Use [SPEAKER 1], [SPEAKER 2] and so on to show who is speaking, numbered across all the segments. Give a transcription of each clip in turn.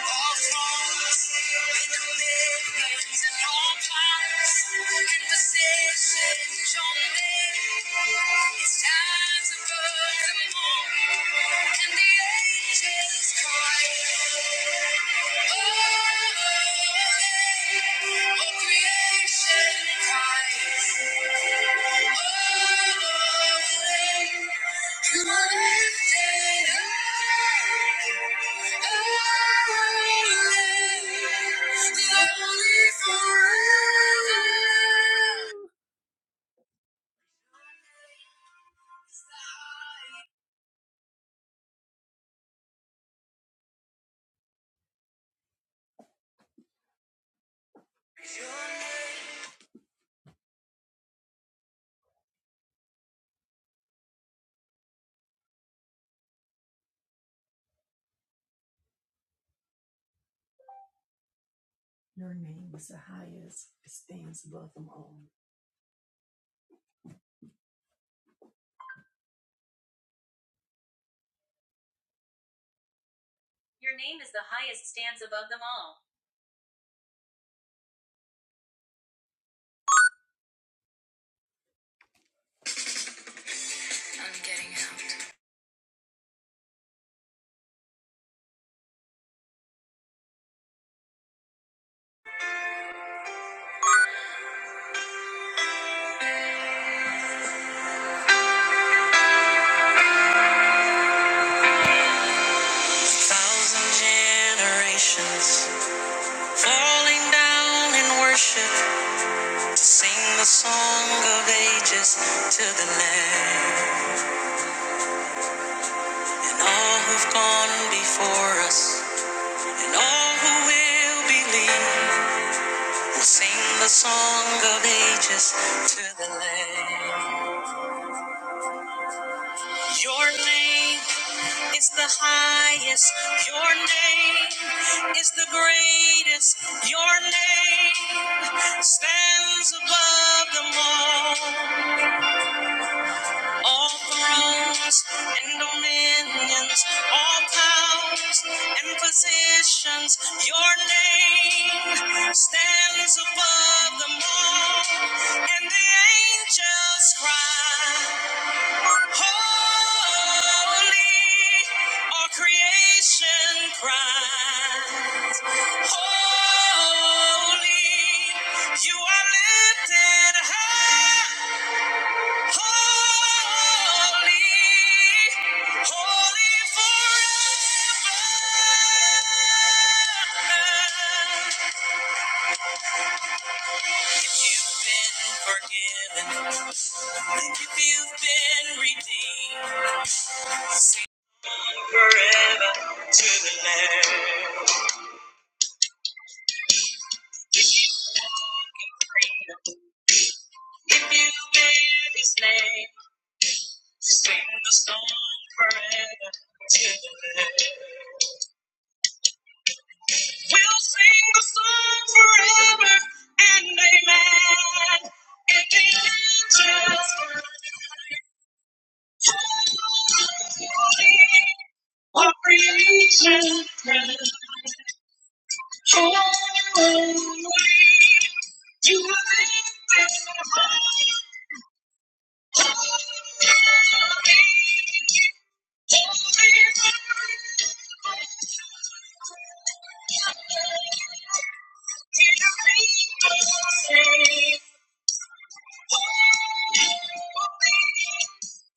[SPEAKER 1] It's Time to burn them all, and the angels cry. Your name is the highest. It stands above them all. I'm getting out. Thousand generations falling down in worship to sing the song of ages to the Lamb. And all who've gone before us and all who will believe will sing the song of ages to the Lamb. Your name is the highest. Your name is the greatest. Your name stands above them all. All thrones and dominions, all powers and positions. Your name stands above them all. And the angels cry. Holy, all creation cries. Holy, you are lifted high. Holy, holy forever. Been forgiven. Thank you, you've been redeemed forever to the Lamb. His name. Thank you.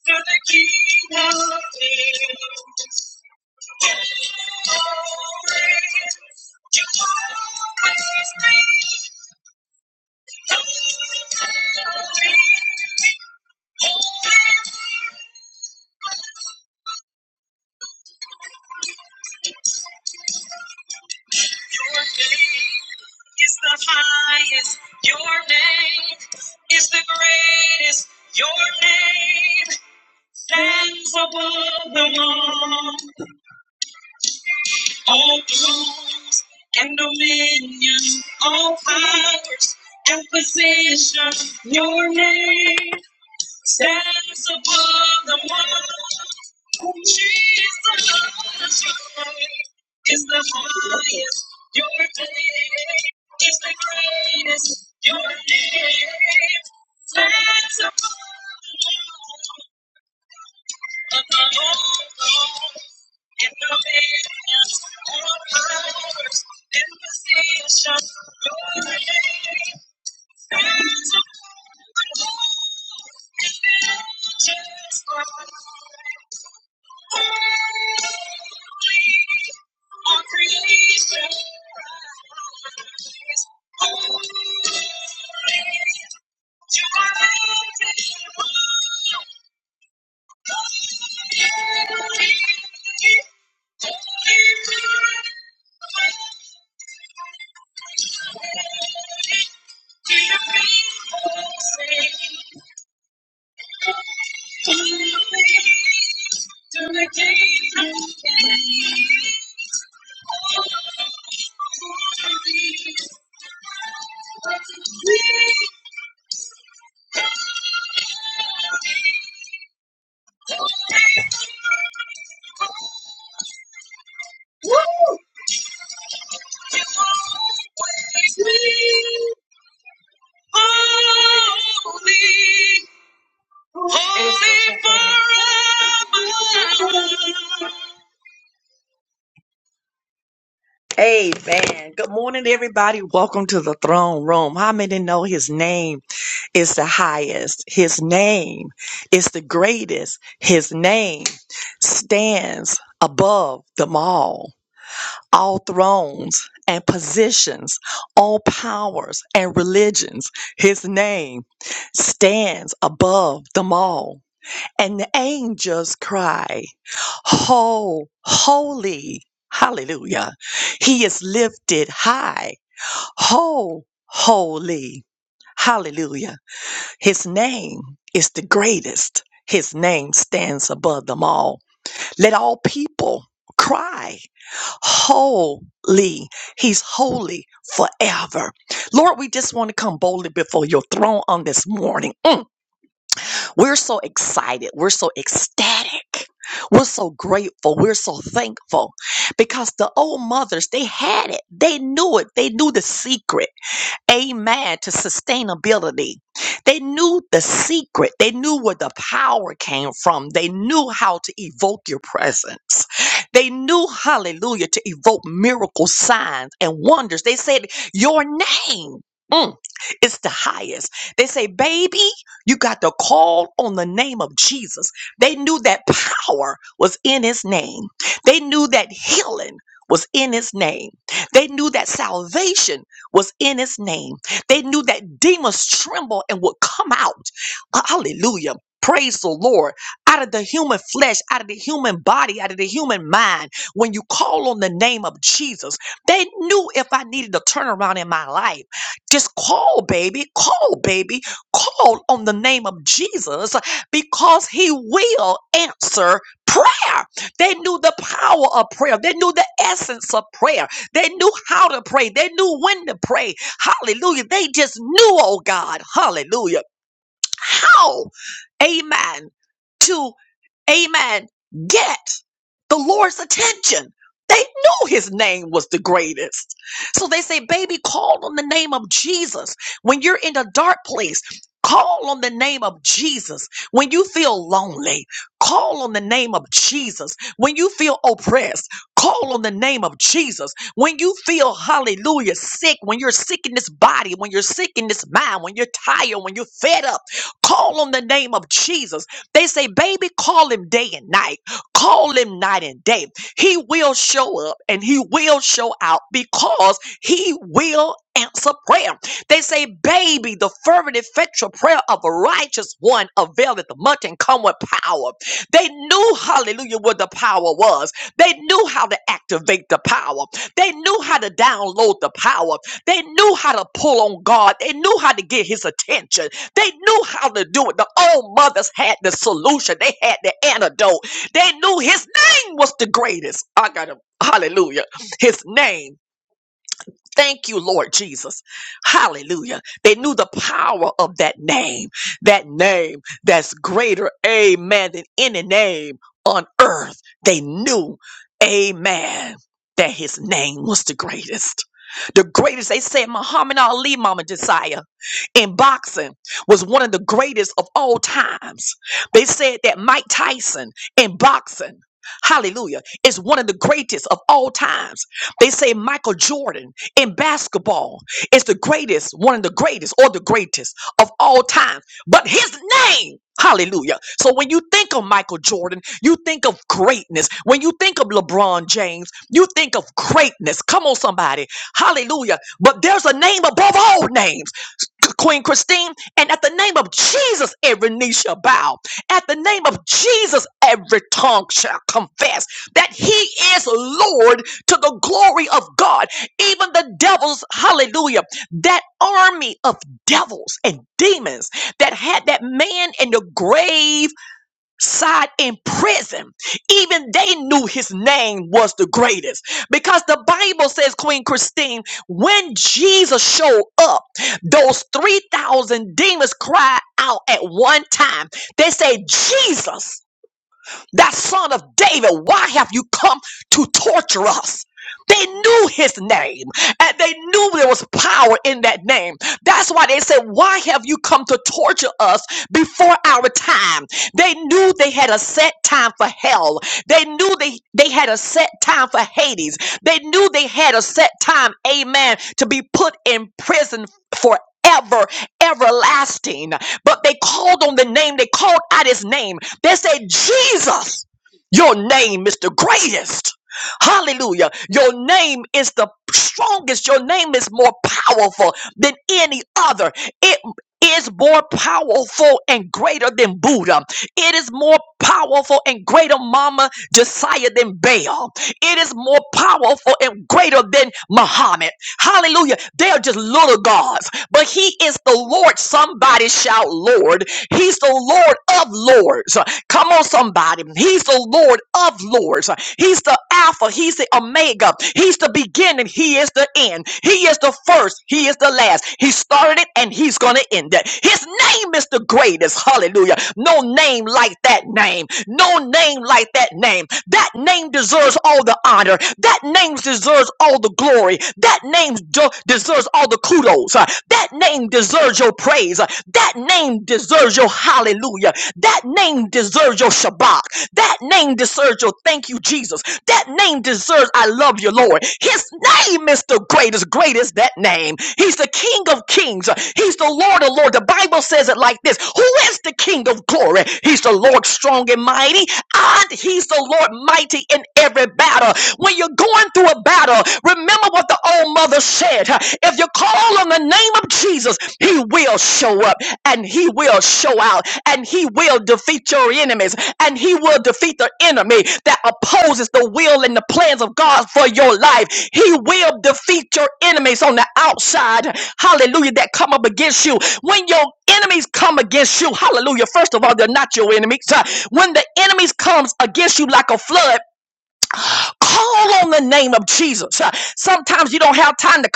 [SPEAKER 1] To the King of Kings. Always, you always reign. Holy, holy, Your name is the highest. Your name is the greatest. Your name stands above them all. All thrones and dominion, all powers and position, your name stands above the world. Jesus, your name is the highest, your name is the greatest, your name stands above. them all. Thank you. Holy, holy, forever. Amen. Good morning, everybody. Welcome to the throne room. How many know his name is the highest? His name is the greatest. His name stands above them all, all thrones and positions, all powers and religions. His name stands above them all. and the angels cry, Ho, holy, hallelujah. He is lifted high, ho, holy, hallelujah. His name is the greatest. His name stands above them all. Let all people cry, holy. He's holy forever. Lord, we just want to come boldly before your throne on this morning. We're so excited. We're so ecstatic. We're so grateful. We're so thankful because the old mothers, they had it. They knew it. They knew the secret. Amen. To sustainability. They knew the secret. They knew where the power came from. They knew how to evoke your presence. They knew, hallelujah, to evoke miracle signs and wonders. They said, Your name. mm, is the highest. They say, baby, you got to call on the name of Jesus. They knew that power was in his name. They knew that healing was in his name. They knew that salvation was in his name. They knew that demons tremble and would come out. Hallelujah. Praise the Lord. Out of the human flesh, out of the human body, out of the human mind, when you call on the name of Jesus, they knew if I needed a turnaround in my life, just call, baby, call, baby, call on the name of Jesus because he will answer prayer. They knew the power of prayer, they knew the essence of prayer. They knew how to pray. They knew when to pray. Hallelujah. They just knew, oh God, hallelujah, how, amen, to, amen, get the Lord's attention. They knew his name was the greatest. So they say, baby, call on the name of Jesus. When you're in a dark place, call on the name of Jesus. When you feel lonely, call on the name of Jesus. When you feel oppressed, call on the name of Jesus. When you feel, hallelujah, sick, when you're sick in this body, when you're sick in this mind, when you're tired, when you're fed up, call on the name of Jesus. They say, baby, call him day and night. Call him night and day. He will show up and he will show out because he will answer prayer. They say, baby, the fervent effectual prayer of a righteous one availeth much and come with power. They knew, hallelujah, where the power was. They knew how to activate the power. They knew how to download the power. They knew how to pull on God. They knew how to get his attention. They knew how to do it. The old mothers had the solution. They had the antidote. They knew his name was the greatest. I got him. Hallelujah. His name. Thank you, Lord Jesus. Hallelujah. They knew the power of that name, that name that's greater, amen, than any name on earth. They knew, amen, that his name was the greatest. The greatest, they said, Muhammad Ali, Mama Josiah, in boxing was one of the greatest of all times. They said that Mike Tyson in boxing, hallelujah, is one of the greatest of all times. They say Michael Jordan in basketball it's the greatest, one of the greatest or the greatest of all time. But his name, hallelujah. So when you think of Michael Jordan, you think of greatness. When you think of LeBron James, you think of greatness. Come on, somebody. Hallelujah. But there's a name above all names. Queen Christine, and at the name of Jesus, every knee shall bow. At the name of Jesus, every tongue shall confess that He is Lord to the glory of God. Even the devils, hallelujah, that army of devils and demons that had that man in the grave side in prison, even they knew his name was the greatest. Because the Bible says, Queen Christine, when Jesus showed up, those 3,000 demons cried out at one time. They said, Jesus. That son of David, why have you come to torture us? They knew his name and they knew there was power in that name. That's why they said, Why have you come to torture us before our time? They knew they had a set time for hell. They knew they, they had a set time for Hades. They knew they had a set time, amen, to be put in prison forever, everlasting. But they called on the name, they called out his name. They say, Jesus, your name is the greatest. Hallelujah. Your name is the strongest. Your name is more powerful than any other. It is more powerful and greater than Buddha. It is more powerful and greater, Mama Josiah, than Baal. It is more powerful and greater than Muhammad. Hallelujah. They are just little gods, but He is the Lord. Somebody shout, Lord. He's the Lord of Lords. Come on, somebody. He's the Lord of Lords. He's the Alpha. He's the Omega. He's the beginning. He is the end. He is the first. He is the last. He started it and he's going to end it. His name is the greatest. Hallelujah. No name like that name. No name like that name. That name deserves all the honor. That name deserves all the glory. That name de- deserves all the kudos. Uh, that name deserves your praise. That name deserves your hallelujah. That name deserves your Shabbat. That name deserves your thank you, Jesus. That name deserves I love you, Lord. His name is the greatest. Great is that name. He's the King of kings. He's the Lord of lords. The Bible says it like this Who is the King of glory? He's the Lord strong and mighty, and He's the Lord mighty in every battle. When you're going through a battle, Remember what the old mother said. huh? If you call on the name of Jesus, he will show up and he will show out and he will defeat your enemies and he will defeat the enemy that opposes the will and the plans of God for your life. He will defeat your enemies on the outside. Hallelujah. That come up against you. When your enemies come against you, hallelujah. First of all, they're not your enemies. huh? When the enemies comes against you like a flood, call on the name of Jesus. Sometimes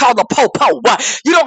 [SPEAKER 1] all the why? You don't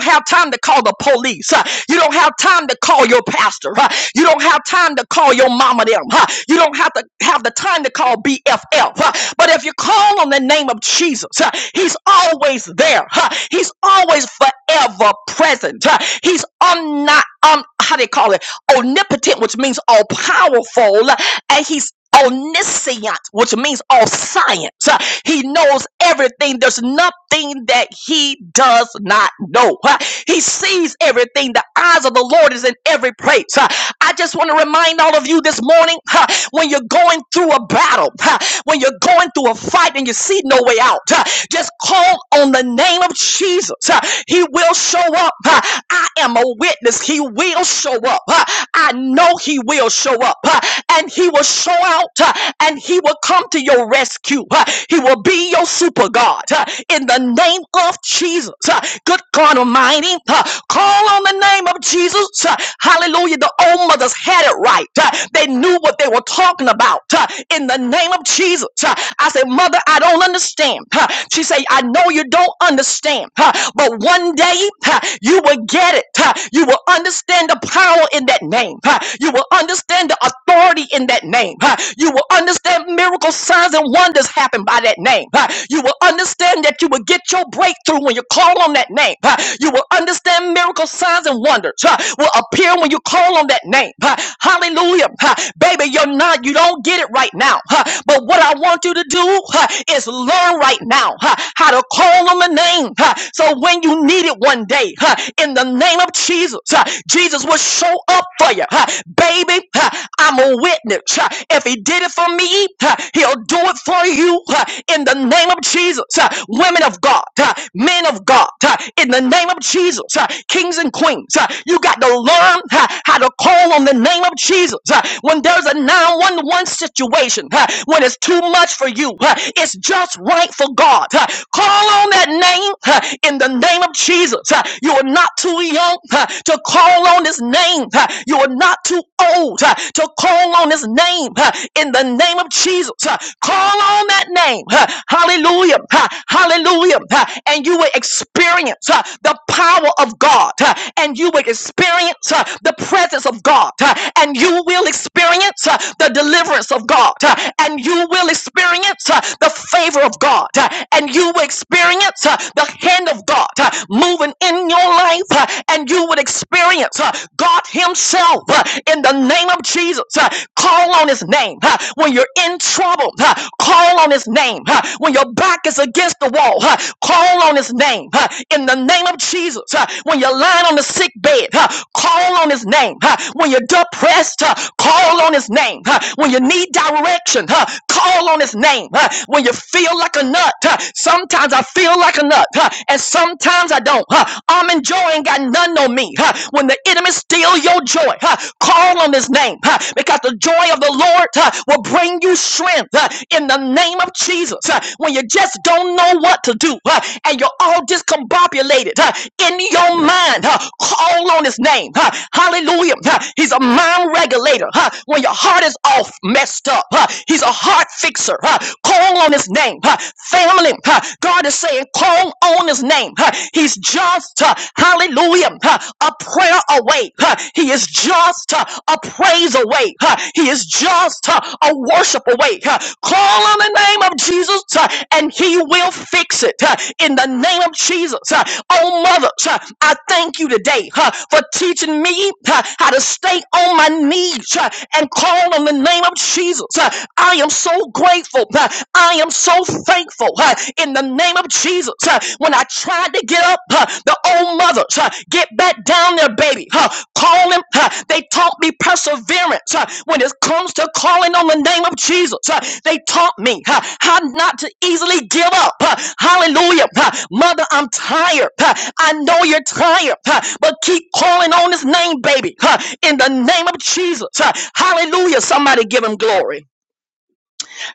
[SPEAKER 1] have to call the police. huh? You don't have time to call your pastor. huh? You don't have time to call your mama them. huh? You don't have to have the time to call BFF. huh? But if you call on the name of Jesus, huh, he's always there. huh? He's always forever present. huh? He's omni, um, how they call it? Omnipotent, which means all powerful. huh? And he's omniscient, means all science. Uh, He knows everything. There's nothing that he does not know. Uh, He sees everything. The eyes of the Lord is in every place. Uh, I just want to remind all of you this morning uh, when you're going through a battle, uh, when you're going through a fight and you see no way out, uh, just call on the name of Jesus. Uh, He will show up. Uh, I am a witness. He will show up. Uh, I know he will show up. Uh, And he will show go out uh, and he will come to your rescue. Uh, He will be your super God uh, in the name of Jesus. Uh, Good God Almighty, uh, call on the name of Jesus. Uh, Hallelujah. The old mothers had it right. Uh, They knew what they were talking about uh, in the name of Jesus. Uh, I said, Mother, I don't understand. Uh, She said, I know you don't understand, uh, but one day uh, you will get it. Uh, You will understand the power in that name. Uh, You will understand understand the authority in that name. huh? You will understand miracle signs and wonders happen by that name. huh? You will understand that you will get your breakthrough when you call on that name. huh? You will understand miracle signs and wonders huh, will appear when you call on that name. huh? Hallelujah. huh? Baby, you're not, you don't get it right now. huh? But what I want you to do huh, is learn right now huh, how to call on the name. huh, So when you need it one day, huh, in the name of Jesus, huh, Jesus will show show up for you. huh. Baby, huh, I'm a witness. huh. If he did it for me, huh, he'll do it for you huh, in the name of Jesus. huh. Women of God, huh, men of God, huh, in the name of Jesus, huh, kings and queens, huh, you got to learn huh, how to call on the name of Jesus. huh. When there's a 911 situation, huh, when it's too much for you, huh, it's just right for God. huh. Call on that name huh, in the name of Jesus. huh. You are not too young. huh, uh, to call on his name. uh, You are not too old uh, to call on his name uh, in the name of Jesus. uh, Call on that name. uh, Hallelujah. uh, Hallelujah. uh, And you will experience uh, the power of God. uh, And you will experience uh, the presence of God. uh, And you will experience uh, the deliverance of God. uh, And you will experience uh, the favor of God. uh, And you will experience uh, the hand of God uh, moving moving in your life uh, and you would experience uh, God Himself uh, in the name of Jesus. uh, Call on His name. uh, When you're in trouble, uh, call on His name. uh, When your back is against the wall, uh, call on His name. uh, In the name of Jesus. uh, When you're lying on the sick bed, uh, call on His name. uh, When you're depressed, uh, call on His name. uh, When you need direction, uh, call on His name. uh, When you feel like a nut, uh, sometimes I feel like a nut nut, huh, and sometimes I don't. Huh. I'm enjoying, got none on me. Huh. When the enemy steal your joy, huh, call on His name, huh, because the joy of the Lord huh, will bring you strength huh, in the name of Jesus. Huh. When you just don't know what to do, huh, and you're all discombobulated huh, in your mind, huh, call on His name. Huh. Hallelujah. Huh. He's a mind regulator. Huh. When your heart is off, messed up, huh. He's a heart fixer. Huh. Call on His name. Huh family. huh, God is saying, call on his name. huh, He's just, uh, hallelujah, huh, a prayer away. huh, He is just uh, a praise away. huh, He is just uh, a worship away. huh. Call on the name of Jesus uh, and he will fix it. uh, In the name of Jesus. uh. Oh, mother, uh, I thank you today uh, for teaching me uh, how to stay on my knees uh, and call on the name of Jesus. uh. I am so grateful. Uh, I am so thankful uh, in the name of Jesus. uh, When I tried to get up, uh, the old mothers uh, get back down there, baby. uh, Call them. uh, They taught me perseverance. uh, When it comes to calling on the name of Jesus, uh, they taught me uh, how not to easily give up. uh, Hallelujah. uh, Mother, I'm tired. uh, I know you're tired, uh, but keep calling on his name, baby. uh, In the name of Jesus. uh, Hallelujah. Somebody give him glory.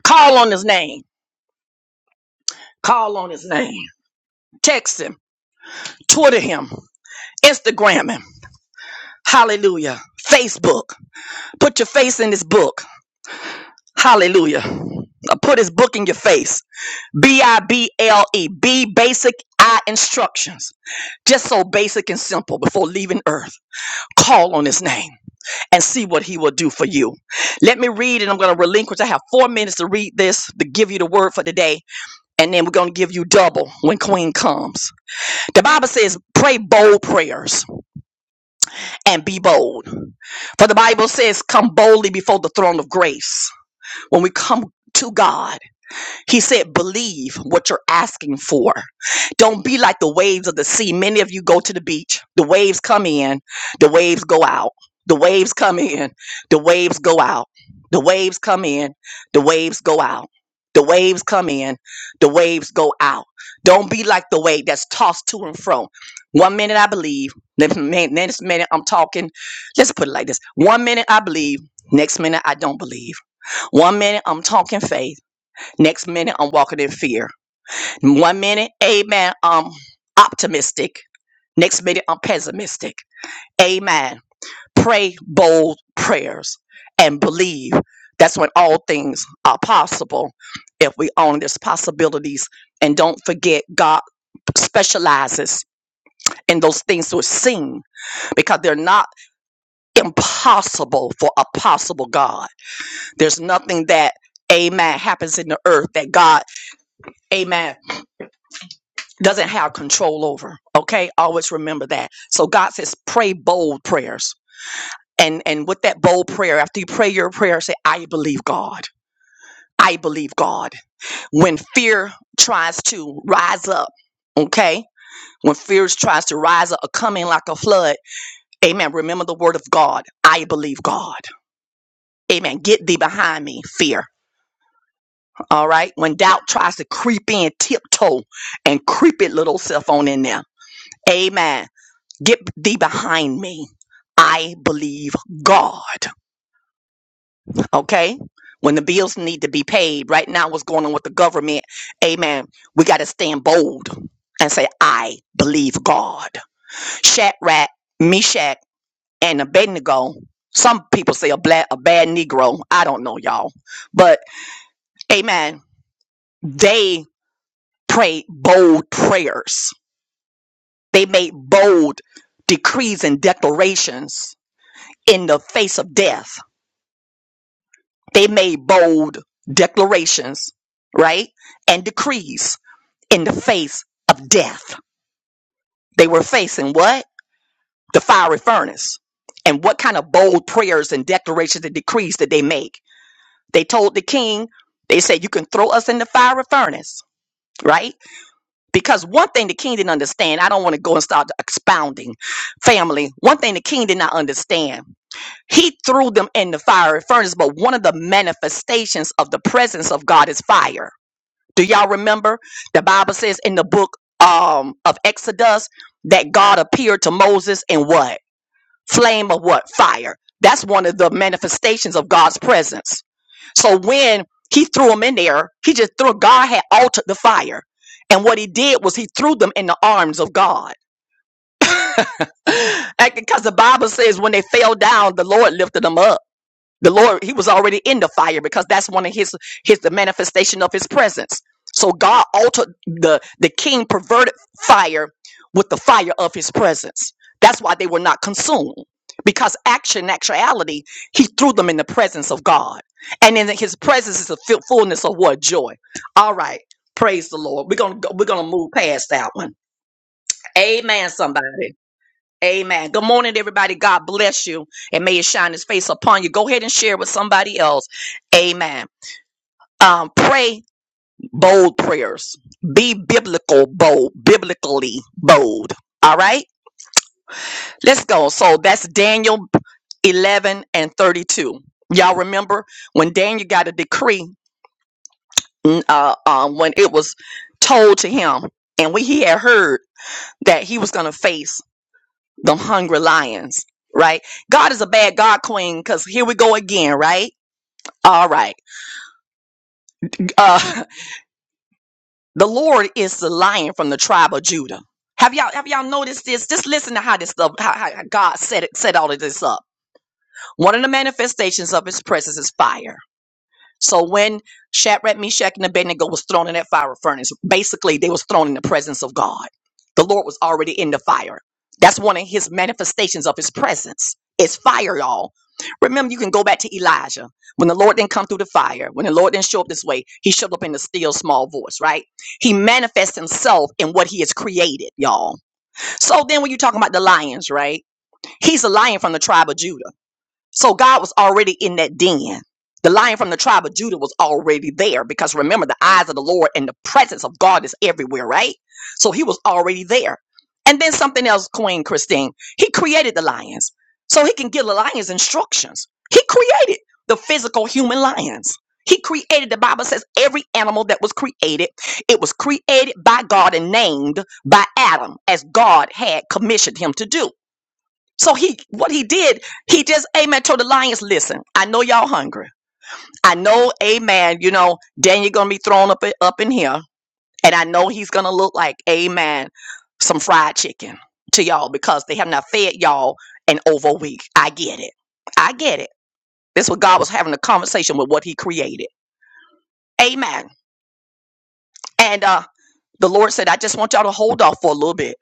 [SPEAKER 1] Call on his name. Call on his name. Text him. Twitter him. Instagram him. Hallelujah. Facebook. Put your face in this book. Hallelujah. Uh, Put his book in your face. B I B L E. B basic I instructions. Just so basic and simple before leaving earth. Call on his name and see what he will do for you. Let me read and I'm going to relinquish. I have four minutes to read this to give you the word for today. And then we're going to give you double when Queen comes. The Bible says, pray bold prayers. and be bold. For the Bible says, come boldly before the throne of grace. When we come to God, he said, believe what you're asking for. Don't be like the waves of the sea. Many of you go to the beach, the waves come in, the waves go out. The waves come in, the waves go out. The waves come in, the waves go out. The waves come in, the waves go out. Don't be like the wave that's tossed to and fro. One minute I believe, next minute, next minute I'm talking. Let's put it like this one minute I believe, next minute I don't believe. One minute I'm talking faith. Next minute, I'm walking in fear. One minute, amen, I'm optimistic. Next minute, I'm pessimistic. Amen. Pray bold prayers and believe. That's when all things are possible if we own these possibilities and don't forget God specializes in those things that are seen because they're not impossible for a possible God. There's nothing that, amen, happens in the earth that God, amen doesn't have control over. Okay, always remember that. So God says, pray bold prayers, and and with that bold prayer, after you pray your prayer, say, I believe God. I believe God. When fear tries to rise up, okay, when fear tries to rise up, coming like a flood, Amen. Remember the word of God. I believe God. Amen. Get thee behind me, fear. All right. When doubt tries to creep in, tiptoe and creep it little self on in there. Amen. Get thee behind me. I believe God. Okay? When the bills need to be paid, right now, what's going on with the government? Amen. We got to stand bold and say, I believe God. Shadrach, Meshach, and Abednego. Some people say a, black, a bad Negro. I don't know, y'all. But, amen. They prayed bold prayers, they made bold decrees and declarations in the face of death They made bold declarations, right? And decrees in the face of death. They were facing what? The fiery furnace. And what kind of bold prayers and declarations and decrees did they make? They told the king, they said, You can throw us in the fiery furnace, right? Because one thing the king didn't understand, I don't want to go and start expounding family. One thing the king did not understand, he threw them in the fiery furnace, but one of the manifestations of the presence of God is fire Do y'all remember? The Bible says in the book um, of Exodus that God appeared to Moses in what? Flame of what? Fire. That's one of the manifestations of God's presence. So when he threw them in there, he just threw, God had altered the fire. And what he did was he threw them in the arms of God. Because the Bible says when they fell down, the Lord lifted them up the lord he was already in the fire because that's one of his his the manifestation of his presence so god altered the the king perverted fire with the fire of his presence that's why they were not consumed because action actuality he threw them in the presence of god and in his presence is a fu- fullness of what joy all right praise the lord we're gonna go, we're gonna move past that one amen somebody Amen. Good morning, everybody. God bless you and may it shine his face upon you. Go ahead and share with somebody else. Amen. Um, pray bold prayers. Be biblical bold, biblically bold. All right, let's go. So that's Daniel 11 and 32. Y'all remember when Daniel got a decree mm, uh, um, when it was told to him, and we he had heard that he was going to face them hungry lions, right? God is a bad God queen because here we go again, right? All right. Uh, the Lord is the lion from the tribe of Judah. Have y'all have y'all noticed this? Just listen to how this stuff, how, how God set it, set all of this up. One of the manifestations of His presence is fire. So when Shadrach, Meshach, and Abednego was thrown in that fire furnace, basically they was thrown in the presence of God. The Lord was already in the fire. That's one of his manifestations of his presence. It's fire, y'all. Remember, you can go back to Elijah. When the Lord didn't come through the fire, when the Lord didn't show up this way, he showed up in the still small voice, right? He manifests himself in what he has created, y'all. So then when you're talking about the lions, right? He's a lion from the tribe of Judah. So God was already in that den. The lion from the tribe of Judah was already there because remember, the eyes of the Lord and the presence of God is everywhere, right? So he was already there. And then something else, Queen Christine, he created the lions so he can give the lions instructions. He created the physical human lions. He created, the Bible says, every animal that was created, it was created by God and named by Adam as God had commissioned him to do. So he, what he did, he just, amen, told the lions, listen, I know y'all hungry. I know, amen, you know, Daniel gonna be thrown up, up in here. And I know he's gonna look like, amen, some fried chicken to y'all because they have not fed y'all in over a week. I get it. I get it. This what God was having a conversation with what he created. Amen. And, uh, the Lord said, I just want y'all to hold off for a little bit.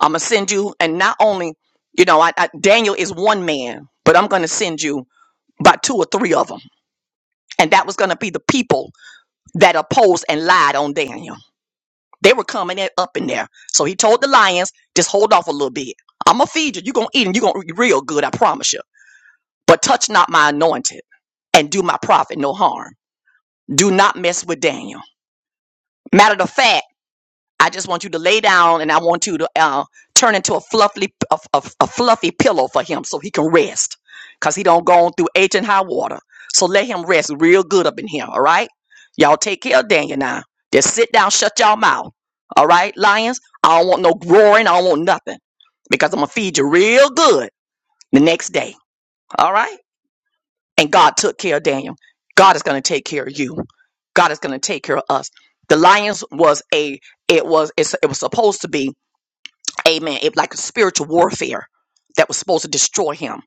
[SPEAKER 1] I'm gonna send you, and not only, you know, I, I, Daniel is one man, but I'm gonna send you by two or three of them. And that was going to be the people that opposed and lied on Daniel. They were coming in, up in there. So he told the lions, just hold off a little bit. I'm going to feed you. You're going to eat and you're going to eat real good, I promise you. But touch not my anointed and do my prophet no harm. Do not mess with Daniel. Matter of fact, I just want you to lay down, and I want you to uh, turn into a fluffy a, a, a fluffy pillow for him so he can rest, cause he don't go on through age and high water. So let him rest real good up in here. All right, y'all take care of Daniel now. Just sit down, shut y'all mouth. All right, lions. I don't want no roaring. I don't want nothing, because I'm gonna feed you real good the next day. All right and God took care of Daniel. God is going to take care of you. God is going to take care of us. The lions was a it was it's, it was supposed to be amen it like a spiritual warfare that was supposed to destroy him.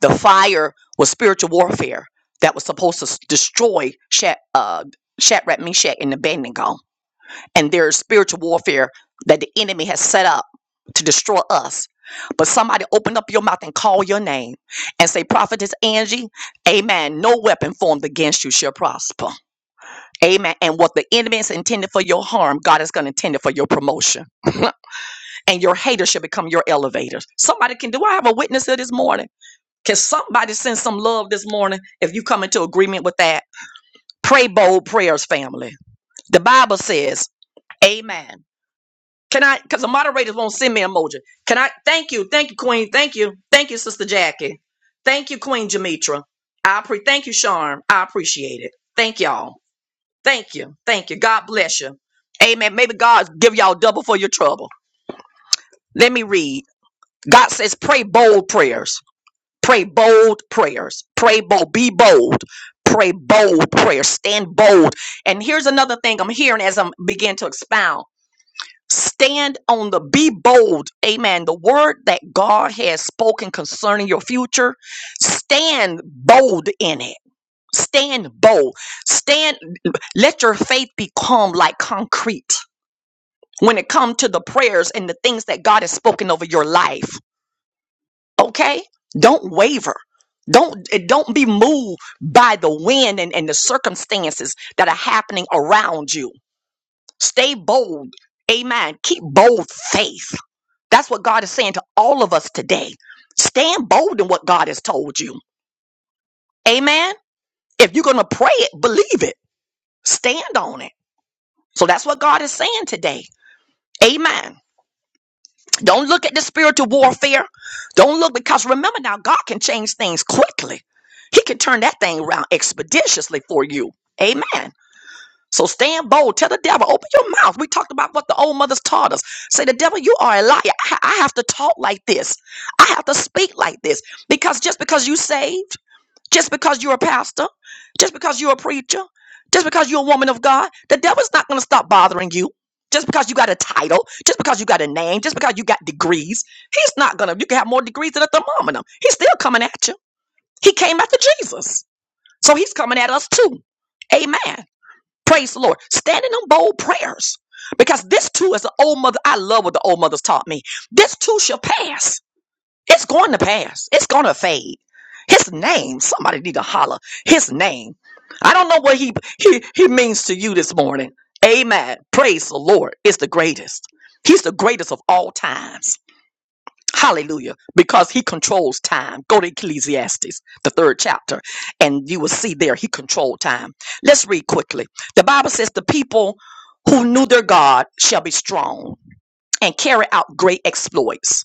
[SPEAKER 1] The fire was spiritual warfare that was supposed to s- destroy Shat, uh, Shadrach, Meshach, and Abednego and there is spiritual warfare that the enemy has set up to destroy us. But somebody open up your mouth and call your name and say, Prophetess Angie, amen. No weapon formed against you shall prosper. Amen. And what the enemy is intended for your harm, God is going to intend it for your promotion. and your haters shall become your elevators. Somebody can, do I have a witness here this morning? Can somebody send some love this morning if you come into agreement with that? Pray bold prayers, family. The Bible says, Amen. Can I? Because the moderators won't send me emoji. Can I? Thank you, thank you, Queen. Thank you, thank you, Sister Jackie. Thank you, Queen Jamitra. I pre. Thank you, Sharm. I appreciate it. Thank y'all. Thank you. Thank you. God bless you. Amen. Maybe God give y'all double for your trouble. Let me read. God says, pray bold prayers. Pray bold prayers. Pray bold. Be bold. Pray bold prayers. Stand bold. And here's another thing I'm hearing as I'm begin to expound. Stand on the be bold. Amen. The word that God has spoken concerning your future, stand bold in it. Stand bold. Stand let your faith become like concrete when it comes to the prayers and the things that God has spoken over your life. Okay? Don't waver. Don't eh, don't be moved by the wind and, and the circumstances that are happening around you. Stay bold. Amen. Keep bold faith. That's what God is saying to all of us today. Stand bold in what God has told you. Amen. If you're going to pray it, believe it. Stand on it. So that's what God is saying today. Amen. Don't look at the spiritual warfare. Don't look because remember now, God can change things quickly. He can turn that thing around expeditiously for you. Amen. So stand bold. Tell the devil, open your mouth. We talked about what the old mothers taught us. Say, the devil, you are a liar. I, ha- I have to talk like this. I have to speak like this. Because just because you saved, just because you're a pastor, just because you're a preacher, just because you're a woman of God, the devil's not going to stop bothering you. Just because you got a title, just because you got a name, just because you got degrees, he's not going to. You can have more degrees than a thermometer. He's still coming at you. He came after Jesus. So he's coming at us too. Amen. Praise the Lord. Standing on bold prayers. Because this too is the old mother. I love what the old mothers taught me. This too shall pass. It's going to pass. It's going to fade. His name. Somebody need to holler. His name. I don't know what he, he, he means to you this morning. Amen. Praise the Lord. It's the greatest. He's the greatest of all times. Hallelujah. Because he controls time. Go to Ecclesiastes, the third chapter, and you will see there he controlled time. Let's read quickly. The Bible says, The people who knew their God shall be strong and carry out great exploits.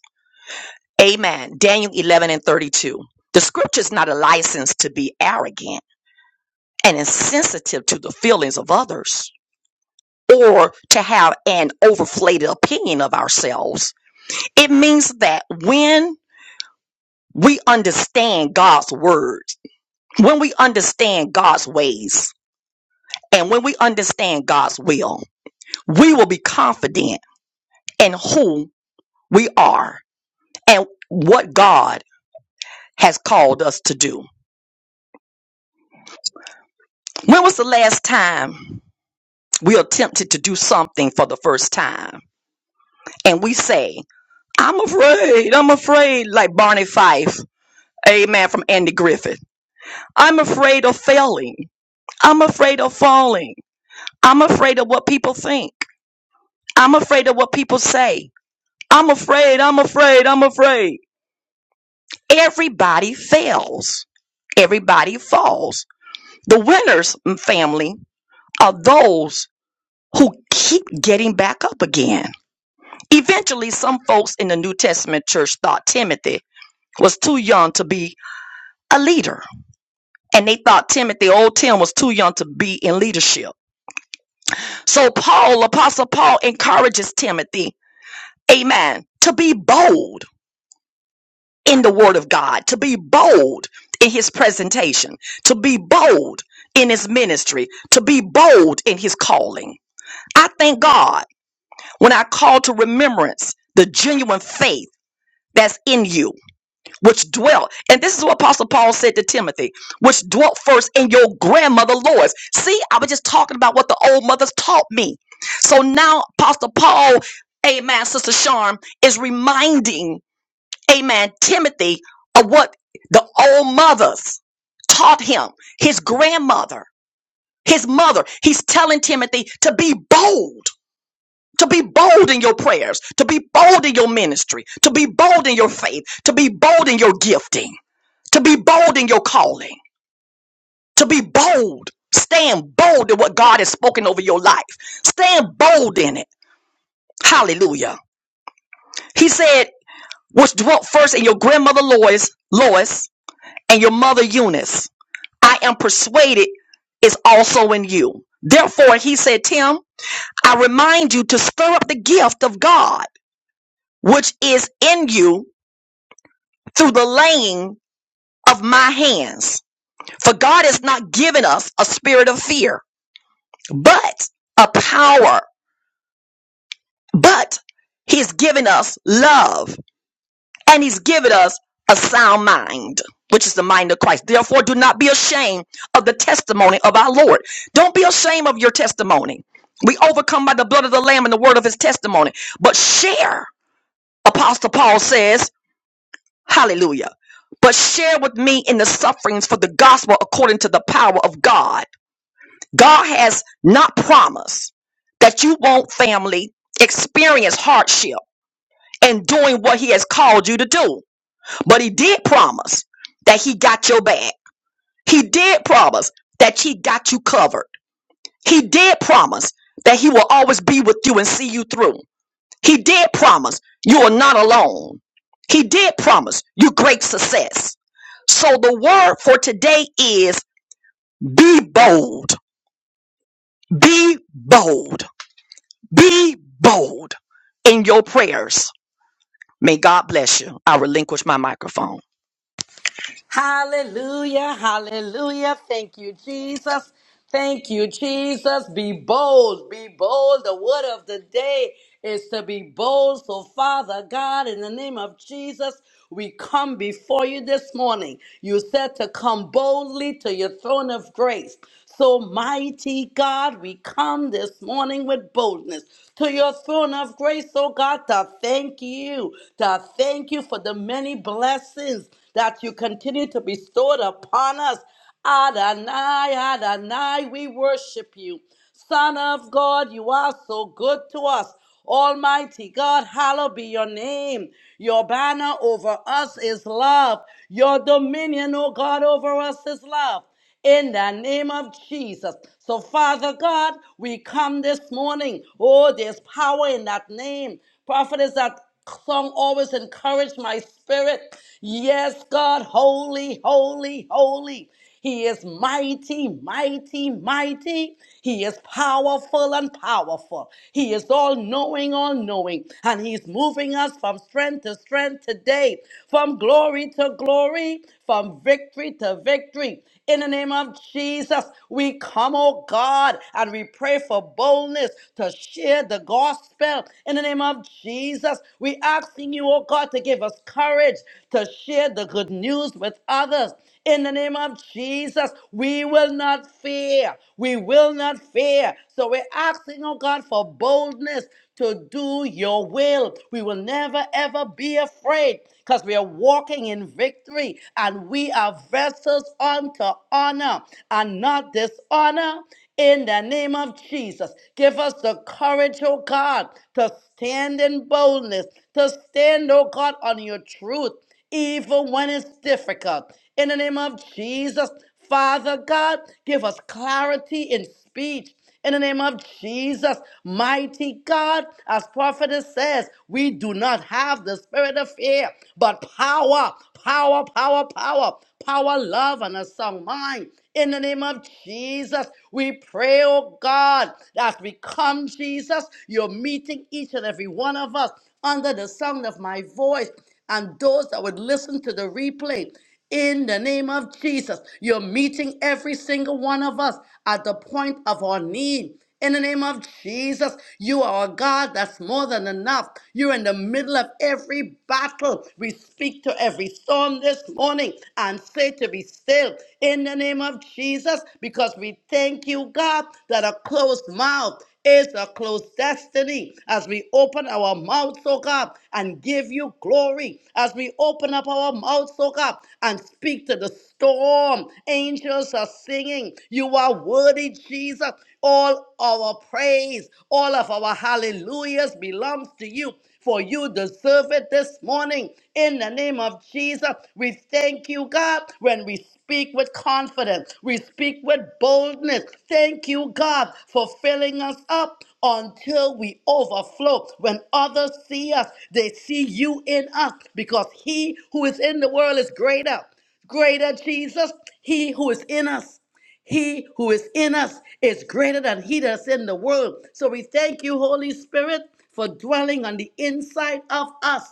[SPEAKER 1] Amen. Daniel 11 and 32. The scripture is not a license to be arrogant and insensitive to the feelings of others or to have an overflated opinion of ourselves. It means that when we understand God's word, when we understand God's ways, and when we understand God's will, we will be confident in who we are and what God has called us to do. When was the last time we attempted to do something for the first time and we say, I'm afraid, I'm afraid, like Barney Fife, amen, from Andy Griffith. I'm afraid of failing. I'm afraid of falling. I'm afraid of what people think. I'm afraid of what people say. I'm afraid, I'm afraid, I'm afraid. Everybody fails. Everybody falls. The winners, family, are those who keep getting back up again. Eventually, some folks in the New Testament church thought Timothy was too young to be a leader. And they thought Timothy, old Tim, was too young to be in leadership. So Paul, Apostle Paul, encourages Timothy, amen, to be bold in the word of God, to be bold in his presentation, to be bold in his ministry, to be bold in his calling. I thank God when I call to remembrance the genuine faith that's in you, which dwelt, and this is what Apostle Paul said to Timothy, which dwelt first in your grandmother Lois. See, I was just talking about what the old mothers taught me. So now Apostle Paul, amen, Sister Sharm, is reminding amen, Timothy of what the old mothers taught him, his grandmother, his mother. He's telling Timothy to be bold. To be bold in your prayers, to be bold in your ministry, to be bold in your faith, to be bold in your gifting, to be bold in your calling, to be bold. Stand bold in what God has spoken over your life. Stand bold in it. Hallelujah. He said, which dwelt first in your grandmother Lois, Lois, and your mother Eunice. I am persuaded is also in you. Therefore, he said, Tim, I remind you to stir up the gift of God, which is in you through the laying of my hands. For God has not given us a spirit of fear, but a power, but he's given us love and he's given us a sound mind, which is the mind of Christ. Therefore, do not be ashamed of the testimony of our Lord. Don't be ashamed of your testimony. We overcome by the blood of the Lamb and the word of his testimony, but share, Apostle Paul says, hallelujah. But share with me in the sufferings for the gospel according to the power of God. God has not promised that you won't, family, experience hardship in doing what he has called you to do. But he did promise that he got your back. He did promise that he got you covered. He did promise that he will always be with you and see you through. He did promise you are not alone. He did promise you great success. So the word for today is be bold. Be bold. Be bold in your prayers. May God bless you. I relinquish my microphone.
[SPEAKER 2] Hallelujah, hallelujah. Thank you, Jesus. Thank you, Jesus. Be bold, be bold. The word of the day is to be bold. So, Father God, in the name of Jesus, we come before you this morning. You said to come boldly to your throne of grace. So, mighty God, we come this morning with boldness to your throne of grace, oh God, to thank you, to thank you for the many blessings that you continue to bestow it upon us. Adonai, Adonai, we worship you. Son of God, you are so good to us. Almighty God, hallowed be your name. Your banner over us is love. Your dominion, O God, over us is love in the name of Jesus. So, Father God, we come this morning. Oh, there's power in that name. Prophet is that song always encouraged my spirit. Yes, God, holy, holy, holy. He is mighty, mighty, mighty. He is powerful and powerful. He is all knowing, all knowing. And He's moving us from strength to strength today, from glory to glory, from victory to victory. In the name of Jesus, we come, oh God, and we pray for boldness to share the gospel. In the name of Jesus, we asking you, oh God, to give us courage to share the good news with others. In the name of Jesus, we will not fear. We will not fear. So we're asking, oh God, for boldness to do your will. We will never, ever be afraid because we are walking in victory and we are vessels oppressors unto honor and not dishonor in the name of Jesus. Give us the courage, oh God, to stand in boldness, to stand, oh God, on your truth, even when it's difficult. In the name of Jesus, Father God, give us clarity in speech in the name of Jesus. Mighty God, as prophetess says, we do not have the spirit of fear, but power, power, power, power, power, love, and a sound mind. In the name of Jesus, we pray, oh God, that we come, Jesus, you're meeting each and every one of us under the sound of my voice and those that would listen to the replay in the name of Jesus. You're meeting every single one of us at the point of our need. In the name of Jesus, you are a God that's more than enough. You're in the middle of every battle. We speak to every storm this morning and say to be still in the name of Jesus because we thank you, God, that a closed mouth is a close destiny. As we open our mouths, oh God, and give you glory, as we open up our mouths, oh God, and speak to the storm, angels are singing, You are worthy, Jesus. All our praise, all of our hallelujahs belongs to you for you deserve it this morning. In the name of Jesus, we thank you, God, when we speak with confidence, we speak with boldness. Thank you, God, for filling us up until we overflow. When others see us, they see you in us because he who is in the world is greater. Greater Jesus, he who is in us. He who is in us is greater than he that's in the world. So we thank you, Holy Spirit, for dwelling on the inside of us.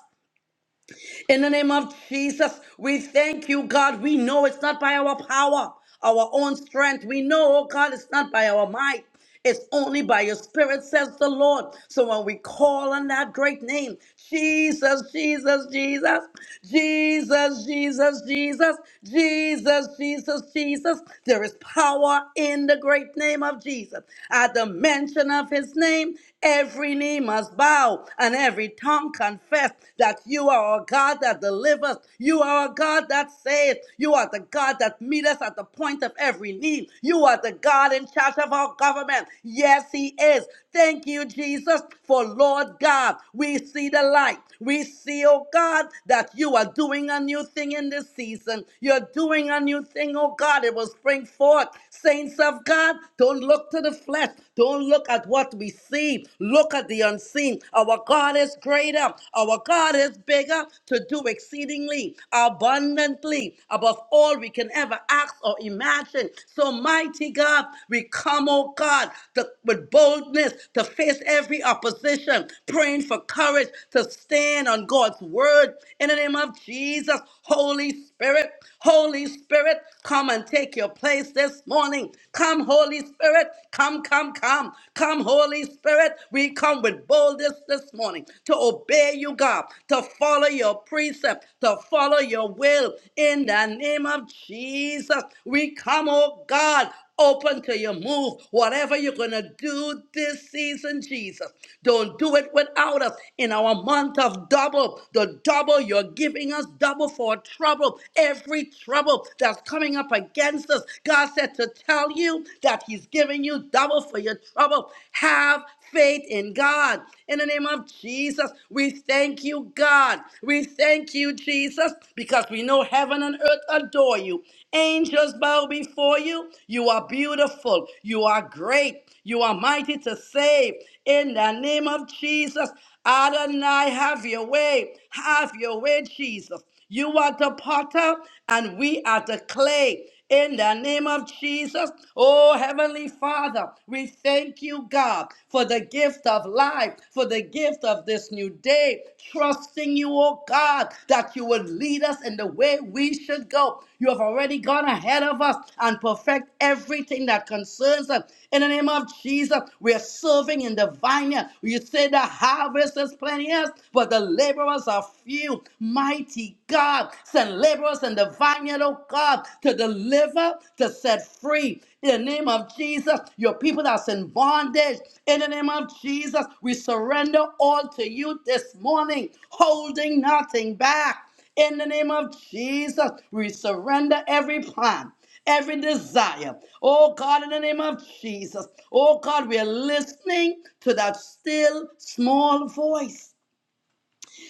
[SPEAKER 2] In the name of Jesus, we thank you, God. We know it's not by our power, our own strength. We know, oh God, it's not by our might. It's only by your spirit, says the Lord. So when we call on that great name, Jesus, Jesus, Jesus, Jesus, Jesus, Jesus, Jesus, Jesus, Jesus, there is power in the great name of Jesus. At the mention of his name, every knee must bow and every every tongue confess that you are a God that delivers. You are a God that saves. You are the God that meets us at the point of every need. You are the God in charge of our government. Yes, He is. Thank you, Jesus, for Lord God. We see the light. We see, oh God, that you are doing a new thing in this season. You're doing a new thing, oh God. It will spring forth. Saints of God, don't look to the flesh. Don't look at what we see. Look at the unseen. Our God is greater. Our God is bigger to do exceedingly, abundantly, above all we can ever ask or imagine. So, mighty God, we come, oh God, to, with boldness to face every opposition, praying for courage to stand on God's word. In the name of Jesus, Holy Spirit, Holy Spirit, come and take your place this morning. Come, Holy Spirit. Come, come, come. Come, Holy Spirit. We come with boldness this morning to obey you, God, to follow your precept, to follow your will in the name of Jesus. We come, oh God, open to your move. Whatever you're going to do this season, Jesus, don't do it without us. In our month of double, the double you're giving us, double for trouble, every trouble that's coming up against us. God said to tell you that He's giving you double for your trouble. Have faith in God. In the name of Jesus, we thank you, God. We thank you, Jesus, because we know heaven and earth adore you. Angels bow before you. You are beautiful. You are great. You are mighty to save. In the name of Jesus, Adonai, have your way. Have your way, Jesus. You are the potter, and we are the clay. In the name of Jesus, oh Heavenly Father, we thank you, God, for the gift of life, for the gift of this new day, trusting you, oh God, that you would lead us in the way we should go. You have already gone ahead of us and perfect everything that concerns us. In the name of Jesus, we are serving in the vineyard. You say the harvest is plenteous, but the laborers are are few. Mighty God, send laborers in the vineyard, oh God, to deliver, to set free. In the name of Jesus, your people that's in bondage, in the name of Jesus, we surrender all to you this morning, holding nothing back. In the name of Jesus, we surrender every plan, every desire. Oh God, in the name of Jesus, oh God, we are listening to that still small voice.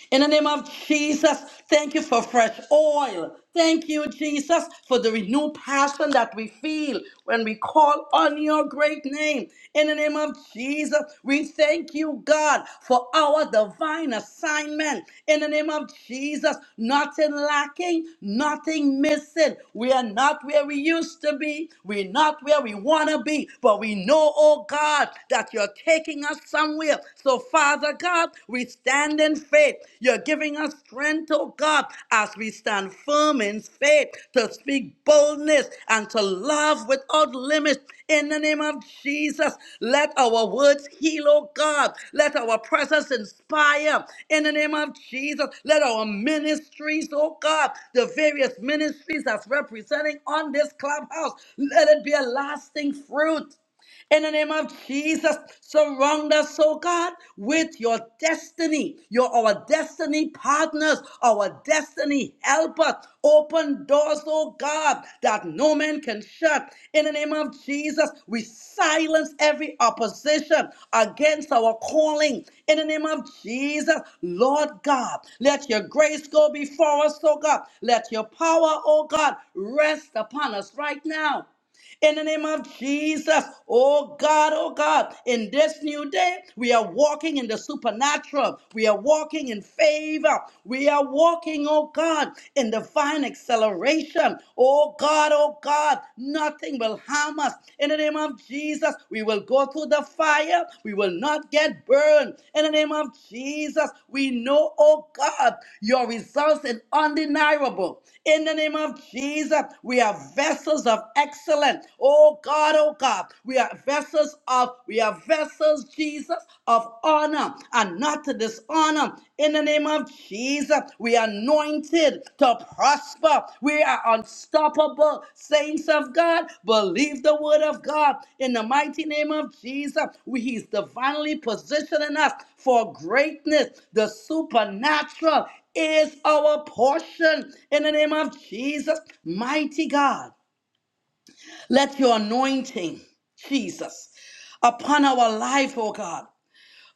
[SPEAKER 2] In the name of Jesus, thank you for fresh oil. Thank you, Jesus, for the renewed passion that we feel when we call on your great name. In the name of Jesus, we thank you, God, for our divine assignment. In the name of Jesus, nothing lacking, nothing missing. We are not where we used to be. We're not where we want to be. But we know, oh God, that you're taking us somewhere will. So, Father God, we stand in faith. You're giving us strength, oh God, as we stand firm in faith to speak boldness and to love without limit. In the name of Jesus, let our words heal, oh God. Let our presence inspire. In the name of Jesus, let our ministries, oh God, the various ministries that's representing on this clubhouse, let it be a lasting fruit. In the name of Jesus, surround us, oh God, with your destiny. You're our destiny partners, our destiny helpers. Open doors, oh God, that no man can shut. In the name of Jesus, we silence every opposition against our calling. In the name of Jesus, Lord God, let your grace go before us, oh God. Let your power, oh God, rest upon us right now in the name of Jesus. Oh God, oh God, in this new day, we are walking in the supernatural. We are walking in favor. We are walking, oh God, in divine acceleration. Oh God, oh God, nothing will harm us. In the name of Jesus, we will go through the fire. We will not get burned. In the name of Jesus, we know, oh God, your results are undeniable. In the name of Jesus, we are vessels of excellent. Oh God, oh God, we are vessels of, we are vessels, Jesus, of honor and not to dishonor. In the name of Jesus, we are anointed to prosper. We are unstoppable, saints of God. Believe the word of God. In the mighty name of Jesus, we, He's divinely positioning us for greatness, the supernatural is our portion in the name of Jesus, mighty God. Let your anointing, Jesus, upon our life, oh God.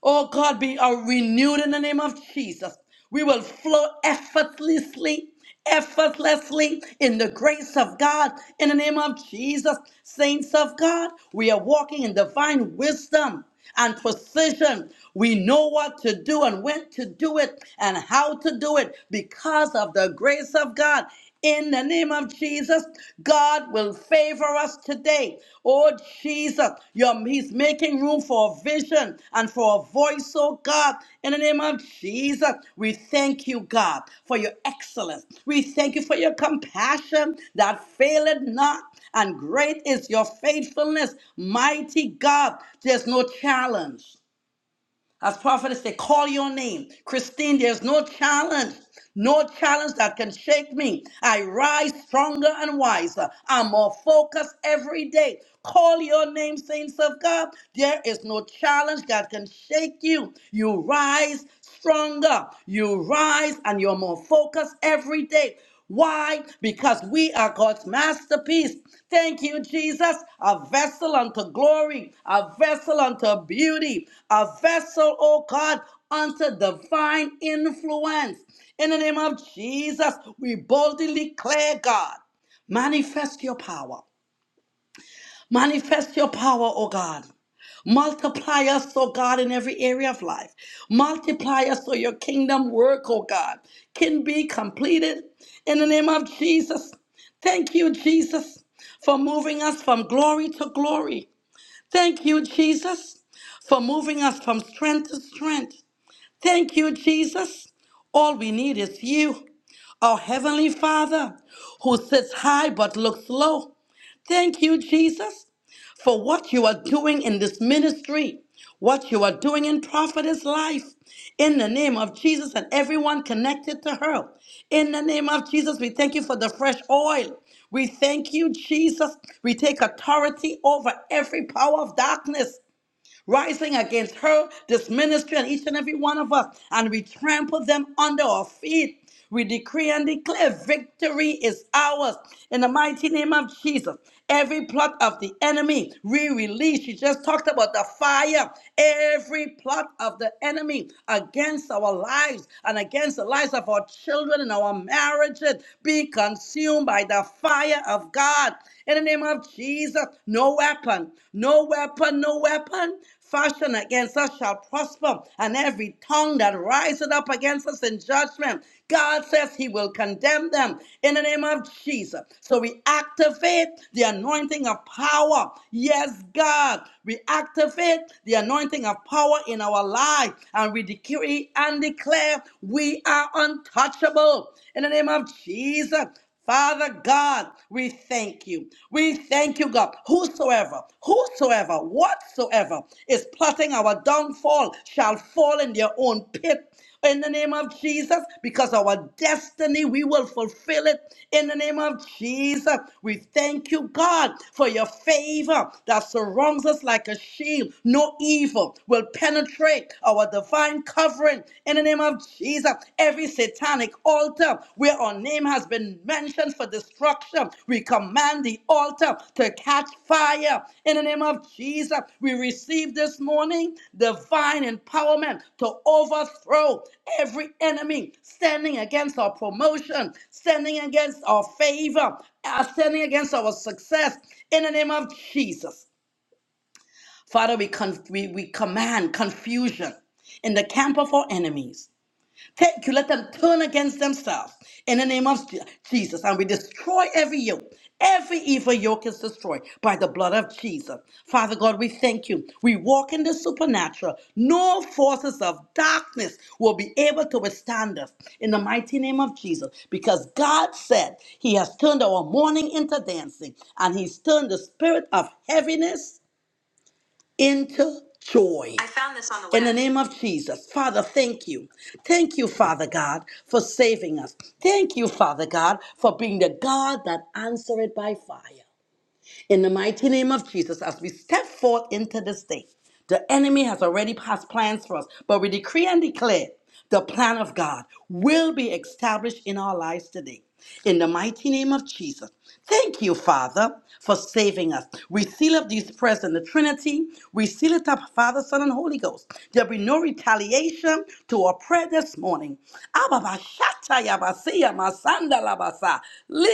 [SPEAKER 2] Oh God, be uh, renewed in the name of Jesus. We will flow effortlessly, effortlessly in the grace of God in the name of Jesus. Saints of God, we are walking in divine wisdom and precision. We know what to do and when to do it and how to do it because of the grace of God. In the name of Jesus, God will favor us today. Oh Jesus, you're- He's making room for a vision and for a voice, oh God. In the name of Jesus, we thank you, God, for your excellence. We thank you for your compassion that faileth not. And great is your faithfulness, mighty God. There's no challenge. As prophets, they call your name. Christine, there's no challenge, no challenge that can shake me. I rise stronger and wiser. I'm more focused every day. Call your name, saints of God. There is no challenge that can shake you. You rise stronger. You rise and you're more focused every day. Why? Because we are God's masterpiece. Thank you, Jesus. A vessel unto glory, a vessel unto beauty, a vessel, oh God, unto divine influence. In the name of Jesus, we boldly declare, God, manifest your power. Manifest your power, oh God. Multiply us, oh God, in every area of life. Multiply us so your kingdom work, oh God, can be completed in the name of Jesus. Thank you, Jesus, for moving us from glory to glory. Thank you, Jesus, for moving us from strength to strength. Thank you, Jesus. All we need is you, our Heavenly Father, who sits high but looks low. Thank you, Jesus, for what you are doing in this ministry, what you are doing in Prophetess life. In the name of Jesus and everyone connected to her. In the name of Jesus, we thank you for the fresh oil. We thank you, Jesus. We take authority over every power of darkness rising against her, this ministry, and each and every one of us, and we trample them under our feet. We decree and declare victory is ours in the mighty name of Jesus. Every plot of the enemy, we release. You just talked about the fire. Every plot of the enemy against our lives and against the lives of our children and our marriages be consumed by the fire of God. In the name of Jesus, no weapon, no weapon, no weapon fashioned against us shall prosper, and every tongue that riseth up against us in judgment, God says he will condemn them in the name of Jesus. So we activate the anointing of power. Yes, God, we activate the anointing of power in our life, and we decree and declare we are untouchable in the name of Jesus. Father God, we thank you. We thank you, God. Whosoever, whosoever, whatsoever is plotting our downfall shall fall in their own pit. In the name of Jesus, because our destiny, we will fulfill it. In the name of Jesus, we thank you, God, for your favor that surrounds us like a shield. No evil will penetrate our divine cover sovereign in the name of Jesus. Every satanic altar where our name has been mentioned for destruction, we command the altar to catch fire in the name of Jesus. We receive this morning divine empowerment to overthrow every enemy standing against our promotion, standing against our favor, uh, standing against our success in the name of Jesus. Father, we, con- we, we command confusion in the camp of our enemies. Thank you. Let them turn against themselves in the name of Je- Jesus. And we destroy every yoke. Every evil yoke is destroyed by the blood of Jesus. Father God, we thank you. We walk in the supernatural. No forces of darkness will be able to withstand us in the mighty name of Jesus because God said he has turned our mourning into dancing and he's turned the spirit of heaviness into joy. I found this on the In the web. name of Jesus, Father, thank you. Thank you, Father God, for saving us. Thank you, Father God, for being the God that answered by fire. In the mighty name of Jesus, as we step forth into this day, the enemy has already passed plans for us, but we decree and declare the plan of God will be established in our lives today. In the mighty name of Jesus, thank you, Father, for saving us. We seal up these prayers in the Trinity. We seal it up, Father, Son, and Holy Ghost. There'll be no retaliation to our prayer this morning. Ababa shataya basia masanda labasa.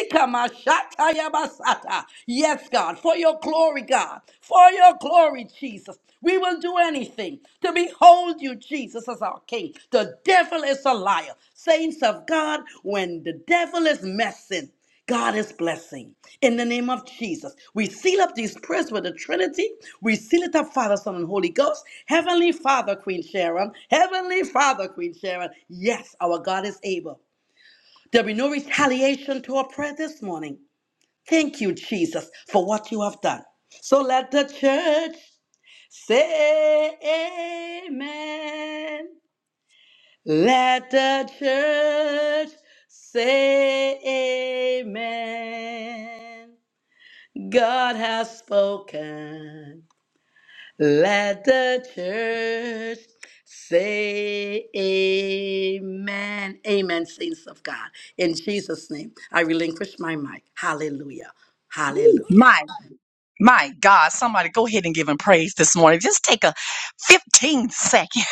[SPEAKER 2] Ikamashatayabasata. Yes, God, for your glory, God, for your glory, Jesus. We will do anything to behold you, Jesus, as our King. The devil is a liar. Saints of God, when the devil is messing, God is blessing. In the name of Jesus, we seal up these prayers with the Trinity. We seal it up, Father, Son, and Holy Ghost. Heavenly Father, Queen Sharon. Heavenly Father, Queen Sharon. Yes, our God is able. There'll be no retaliation to our prayer this morning. Thank you, Jesus, for what you have done. So let the church say amen. Let the church say amen. God has spoken. Let the church say amen. Amen, saints of God. In Jesus' name, I relinquish my mic. Hallelujah. Hallelujah.
[SPEAKER 1] My, my God, somebody go ahead and give him praise this morning. Just take a 15 second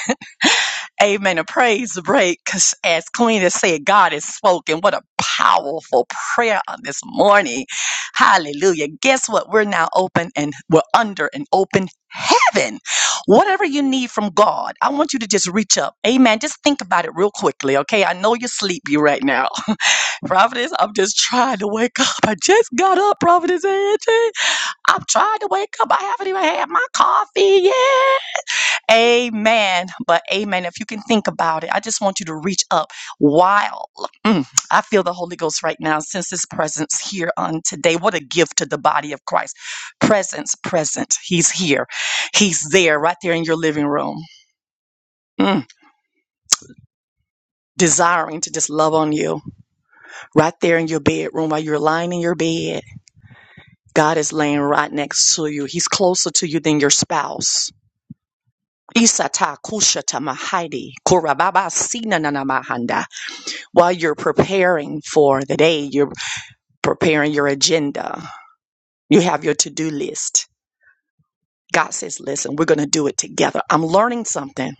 [SPEAKER 1] Amen. A praise break. Because as Queen has said, God has spoken. What a powerful prayer on this morning. Hallelujah. Guess what? We're now open and we're under an open heaven. Whatever you need from God, I want you to just reach up. Amen. Just think about it real quickly. Okay. I know you're sleepy right now. Providence, I'm just trying to wake up. I just got up, Providence Angie. I'm trying to wake up. I haven't even had my coffee yet. Amen. But amen. If you can think about it, I just want you to reach up while mm, I feel the Holy Ghost right now, since his presence here on today. What a gift to the body of Christ. Presence, present. He's here. He's there, right there in your living room, mm, desiring to just love on you, right there in your bedroom while you're lying in your bed. God is laying right next to you. He's closer to you than your spouse. Isata kushata mahidi korababa sina nana mahanda. while you're preparing for the day, you're preparing your agenda, you have your to do list. God says, listen, we're going to do it together. I'm learning something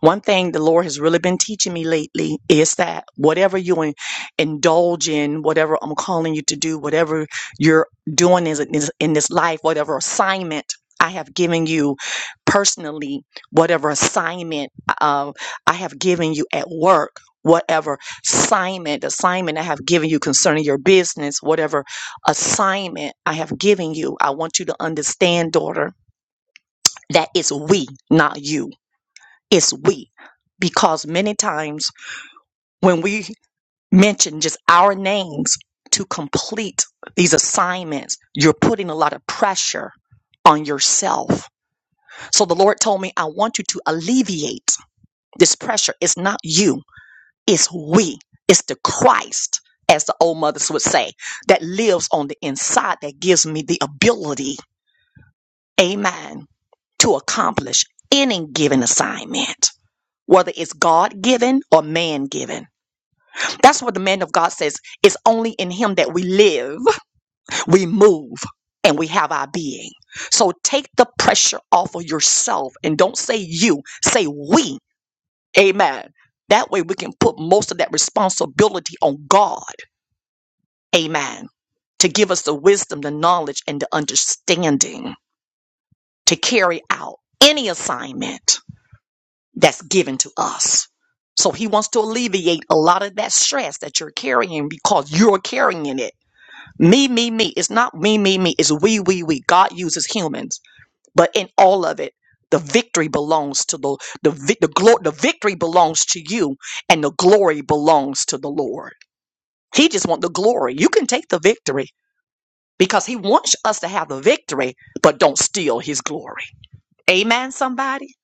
[SPEAKER 1] One thing the Lord has really been teaching me lately is that whatever you in- indulge in, whatever I'm calling you to do, whatever you're doing is is in this life, whatever assignment I have given you personally, whatever assignment uh, I have given you at work, whatever assignment assignment I have given you concerning your business, whatever assignment I have given you, I want you to understand, daughter, that it's we, not you it's we. Because many times when we mention just our names to complete these assignments, you're putting a lot of pressure on yourself. So the Lord told me, I want you to alleviate this pressure. It's not you, it's we, it's the Christ, as the old mothers would say, that lives on the inside that gives me the ability, amen, to accomplish any given assignment, whether it's God given or man given. That's what the man of God says. It's only in him that we live, we move, and we have our being. So take the pressure off of yourself and don't say you, say we. Amen. That way we can put most of that responsibility on God. Amen. To give us the wisdom, the knowledge, and the understanding to carry out any assignment that's given to us. So he wants to alleviate a lot of that stress that you're carrying because you're carrying it Me, me, me. It's not me, me, me. It's we, we, we. God uses humans, but in all of it, the victory belongs to the the vi- the glory. The victory belongs to you, and the glory belongs to the Lord. He just wants the glory. You can take the victory because He wants us to have the victory, but don't steal His glory. Amen. Somebody.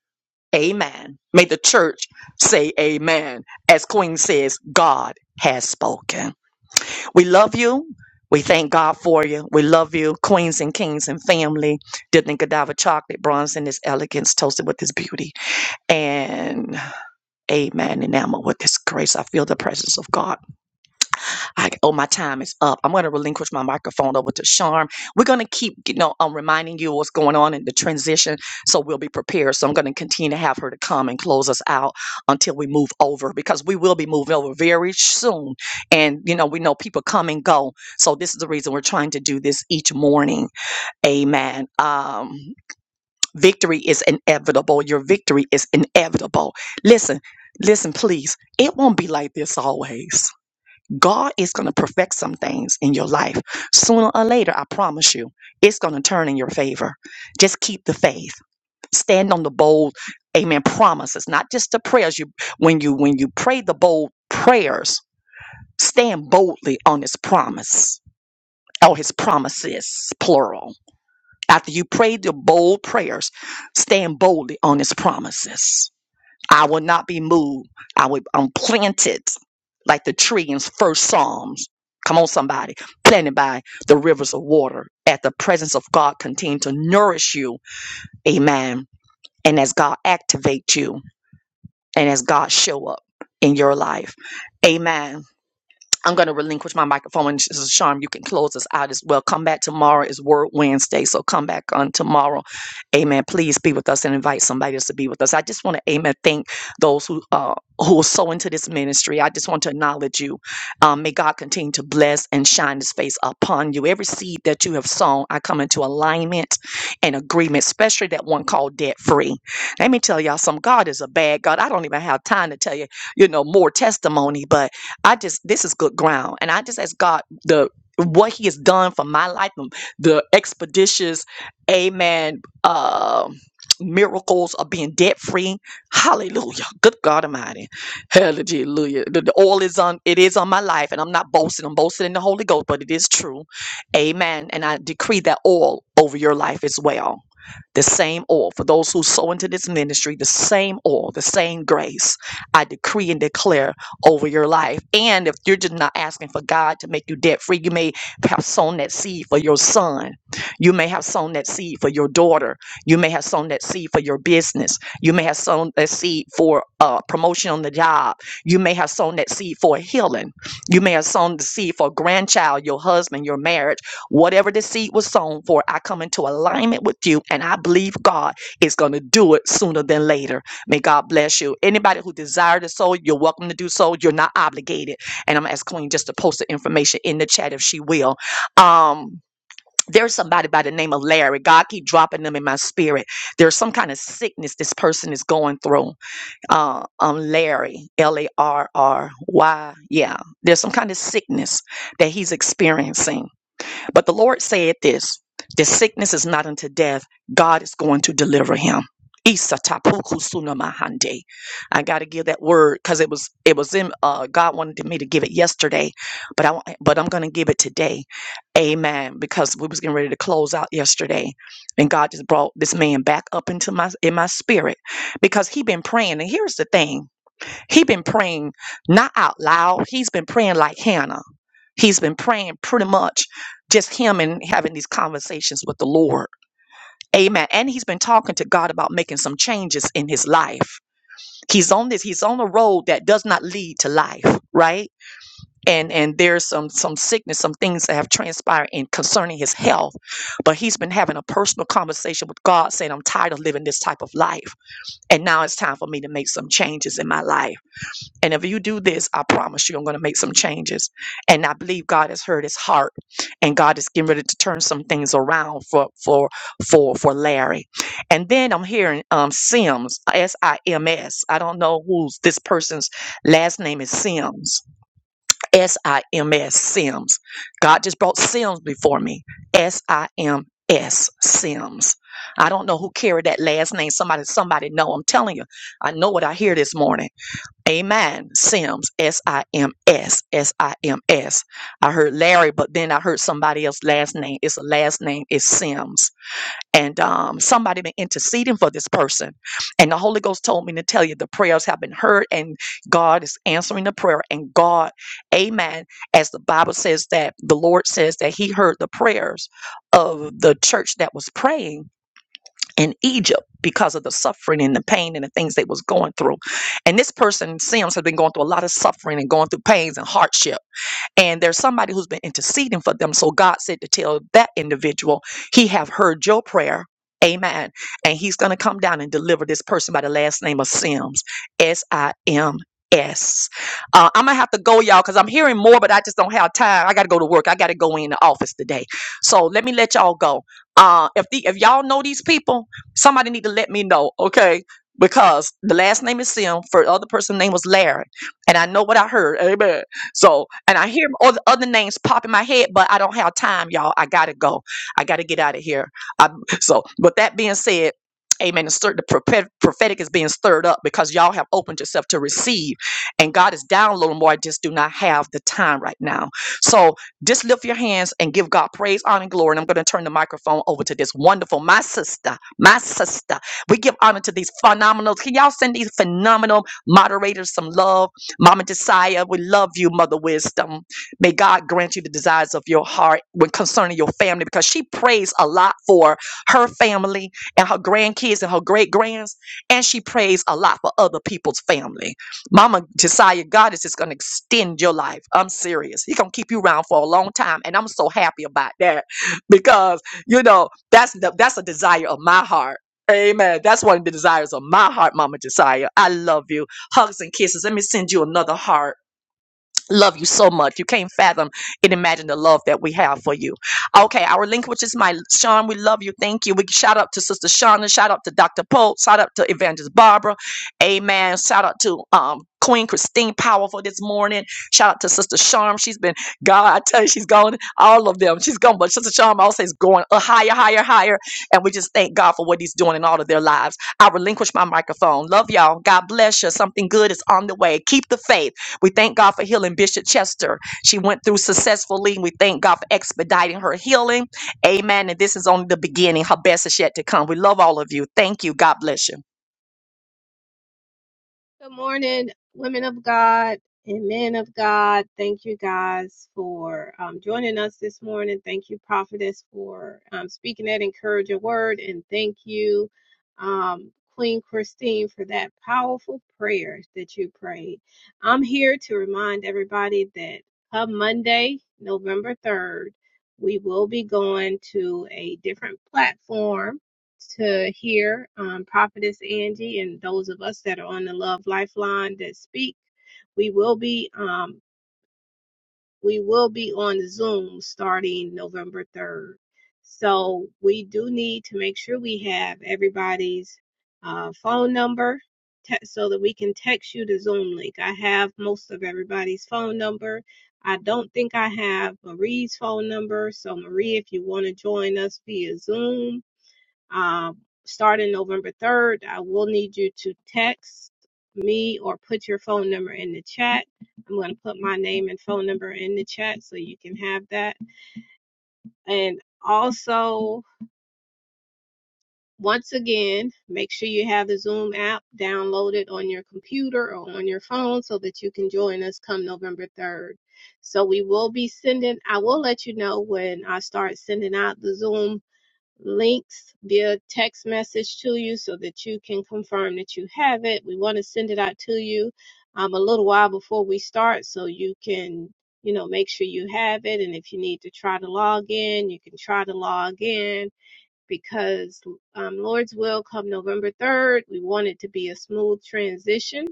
[SPEAKER 1] Amen. May the church say amen. As Queen says, God has spoken. We love you. We thank God for you. We love you, queens and kings and family. Dipped in cadaver chocolate, bronze in this elegance, toasted with this beauty. And amen, enamored with this grace. I feel the presence of God. I, oh, my time is up. I'm going to relinquish my microphone over to Sharm. We're going to keep, you know, um, reminding you what's going on in the transition, so we'll be prepared. So I'm going to continue to have her to come and close us out until we move over, because we will be moving over very soon. And you know, we know people come and go, so this is the reason we're trying to do this each morning. Amen. Um, victory is inevitable. Your victory is inevitable. Listen, listen, please. It won't be like this always God is going to perfect some things in your life. Sooner or later, I promise you, it's going to turn in your favor. Just keep the faith. Stand on the bold, amen, promises, not just the prayers you when you when you pray the bold prayers, stand boldly on his promise or his promises, plural. After you pray the bold prayers, stand boldly on his promises I will not be moved. I will I'm planted like the tree in first Psalms. Come on, somebody. Planted by the rivers of water. At the presence of God continue to nourish you. Amen. And as God activate you and as God show up in your life. Amen. I'm going to relinquish my microphone. And Sister Sharm, you can close us out as well. Come back tomorrow. is Word Wednesday. So come back on tomorrow. Amen. Please be with us and invite somebody else to be with us. I just want to, amen, thank those who, uh, who are so into this ministry. I just want to acknowledge you. Um, may God continue to bless and shine his face upon you. Every seed that you have sown, I come into alignment and agreement, especially that one called debt free. Let me tell y'all some God is a bad God. I don't even have time to tell you, you know, more testimony, but I just this is good ground, and I just ask God the what He has done for my life, um, the expeditious, Amen. Uh, miracles of being debt free. Hallelujah. Good God Almighty. Hallelujah. The, the oil is on. It is on my life, and I'm not boasting. I'm boasting in the Holy Ghost, but it is true. Amen. And I decree that oil over your life as well the same oil for those who sow into this ministry, the same oil, the same grace. I decree and declare over your life. And if you're just not asking for God to make you debt free, you may have sown that seed for your son. You may have sown that seed for your daughter. You may have sown that seed for your business. You may have sown that seed for uh, promotion on the job. You may have sown that seed for healing. You may have sown the seed for a grandchild, your husband, your marriage Whatever the seed was sown for, I come into alignment with you, and I believe God is going to do it sooner than later. May God bless you. Anybody who desire to sow, you're welcome to do so. You're not obligated. And I'm going to ask Queen just to post the information in the chat if she will. Um, there's somebody by the name of Larry. God keep dropping them in my spirit. There's some kind of sickness this person is going through. Uh, um, Larry, L A R R Y. Yeah, there's some kind of sickness that he's experiencing but the Lord said this the sickness is not unto death. God is going to deliver him. Isa tapuku suna mahande. I got to give that word because it was it was in uh, God wanted me to give it yesterday, but I but I'm going to give it today, Amen. Because we was getting ready to close out yesterday, and God just brought this man back up into my in my spirit because he been praying. And here's the thing, he been praying not out loud. He's been praying like Hannah. He's been praying pretty much just him and having these conversations with the Lord. Amen. And he's been talking to God about making some changes in his life. He's on this, he's on a road that does not lead to life, right? And and there's some some sickness, some things that have transpired in concerning his health. But he's been having a personal conversation with God saying, I'm tired of living this type of life. And now it's time for me to make some changes in my life. And if you do this, I promise you, I'm going to make some changes. And I believe God has heard his heart, and God is getting ready to turn some things around for for for for Larry. And then I'm hearing um, Sims, S I M S. I don't know who's this person's last name is Sims, S I M S, Sims. God just brought Sims before me, S I M S, Sims. I don't know who carried that last name. Somebody, somebody know. I'm telling you, I know what I hear this morning Amen. Sims, S I M S, S I M S. I heard Larry, but then I heard somebody else's last name. It's a last name, it's Sims. And um, somebody been interceding for this person. And the Holy Ghost told me to tell you the prayers have been heard and God is answering the prayer. And God, amen, as the Bible says that the Lord says that He heard the prayers of the church that was praying in Egypt because of the suffering and the pain and the things they was going through. And this person, Sims, has been going through a lot of suffering and going through pains and hardship and there's somebody who's been interceding for them so god said to tell that individual he have heard your prayer amen and he's going to come down and deliver this person by the last name of sims s-i-m-s uh, i'm gonna have to go y'all because i'm hearing more but i just don't have time i gotta go to work i gotta go in the office today so let me let y'all go uh, if the if y'all know these people somebody need to let me know okay because the last name is sim for the other person's name was larry and i know what i heard amen so, and I hear other, other names pop in my head, but I don't have time, y'all. I gotta go. I gotta get out of here. I, so, with that being said, Amen. The, stir, the prophet- prophetic is being stirred up because y'all have opened yourself to receive, and God is downloading more. I just do not have the time right now. So just lift your hands and give God praise, honor, and glory. And I'm going to turn the microphone over to this wonderful, my sister, my sister. We give honor to these phenomenal. Can y'all send these phenomenal moderators some love? Mama Josiah, we love you, Mother Wisdom. May God grant you the desires of your heart when concerning your family, because she prays a lot for her family and her grandkids and her great grands, and she prays a lot for other people's family. Mama Josiah, God is just gonna extend your life. I'm serious. He's gonna keep you around for a long time, and I'm so happy about that because you know that's the, that's a desire of my heart. Amen. That's one of the desires of my heart, Mama Josiah. I love you. Hugs and kisses. Let me send you another heart love you so much. You can't fathom and imagine the love that we have for you. Okay, our link, which is my Sean, we love you. Thank you. We shout out to Sister Shauna, shout out to Dr. Pope, shout out to Evangelist Barbara. Amen. Shout out to um Queen Christine Powerful this morning. Shout out to Sister Charm. She's been, God, I tell you, she's gone. All of them. She's gone. But Sister Charm also is going uh, higher, higher, higher. And we just thank God for what he's doing in all of their lives. I relinquish my microphone. Love y'all. God bless you. Something good is on the way. Keep the faith. We thank God for healing Bishop Chester. She went through successfully. and We thank God for expediting her healing. Amen. And this is only the beginning. Her best is yet to come. We love all of you. Thank you. God bless you.
[SPEAKER 3] Good morning, women of God and men of God. Thank you guys for um, joining us this morning. Thank you, Prophetess, for um, speaking that encouraging word. And thank you, um, Queen Christine, for that powerful prayer that you prayed. I'm here to remind everybody that come Monday, November 3rd, we will be going to a different platform to hear um, Prophetess Angie and those of us that are on the Love Lifeline that speak. We will be um, we will be on Zoom starting November third. So we do need to make sure we have everybody's uh, phone number te- so that we can text you the Zoom link. I have most of everybody's phone number. I don't think I have Marie's phone number. So Marie, if you want to join us via Zoom, um, starting November 3rd, I will need you to text me or put your phone number in the chat. I'm going to put my name and phone number in the chat so you can have that. And also, once again, make sure you have the Zoom app downloaded on your computer or on your phone so that you can join us come November 3rd. So we will be sending, I will let you know when I start sending out the Zoom links via text message to you so that you can confirm that you have it. We want to send it out to you um, a little while before we start so you can, you know, make sure you have it. And if you need to try to log in, you can try to log in because um, Lord's will come November 3rd. We want it to be a smooth transition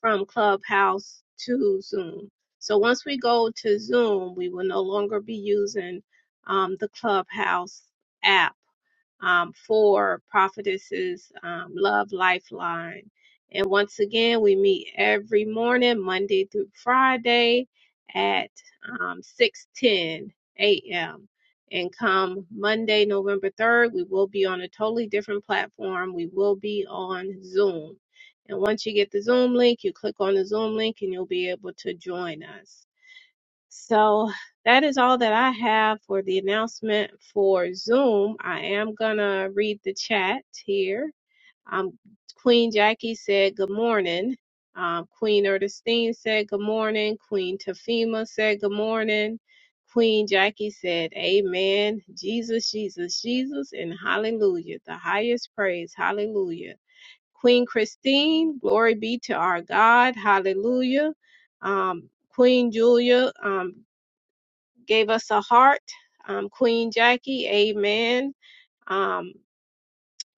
[SPEAKER 3] from Clubhouse to Zoom. So once we go to Zoom, we will no longer be using um, the Clubhouse app um, for Prophetess's um, Love Lifeline. And once again, we meet every morning, Monday through Friday at um, 6:10 a.m. And come Monday, November 3rd, we will be on a totally different platform. We will be on Zoom. And once you get the Zoom link, you click on the Zoom link and you'll be able to join us. So that is all that I have for the announcement for Zoom. I am going to read the chat here. Um, Queen Jackie said, Good morning. Um, Queen Ernestine said, Good morning. Queen Tafima said, Good morning. Queen Jackie said, Amen. Jesus, Jesus, Jesus, and hallelujah. The highest praise. Hallelujah. Queen Christine, glory be to our God. Hallelujah. Um, Queen Julia. Um, gave us a heart. Um, Queen Jackie, amen. Um,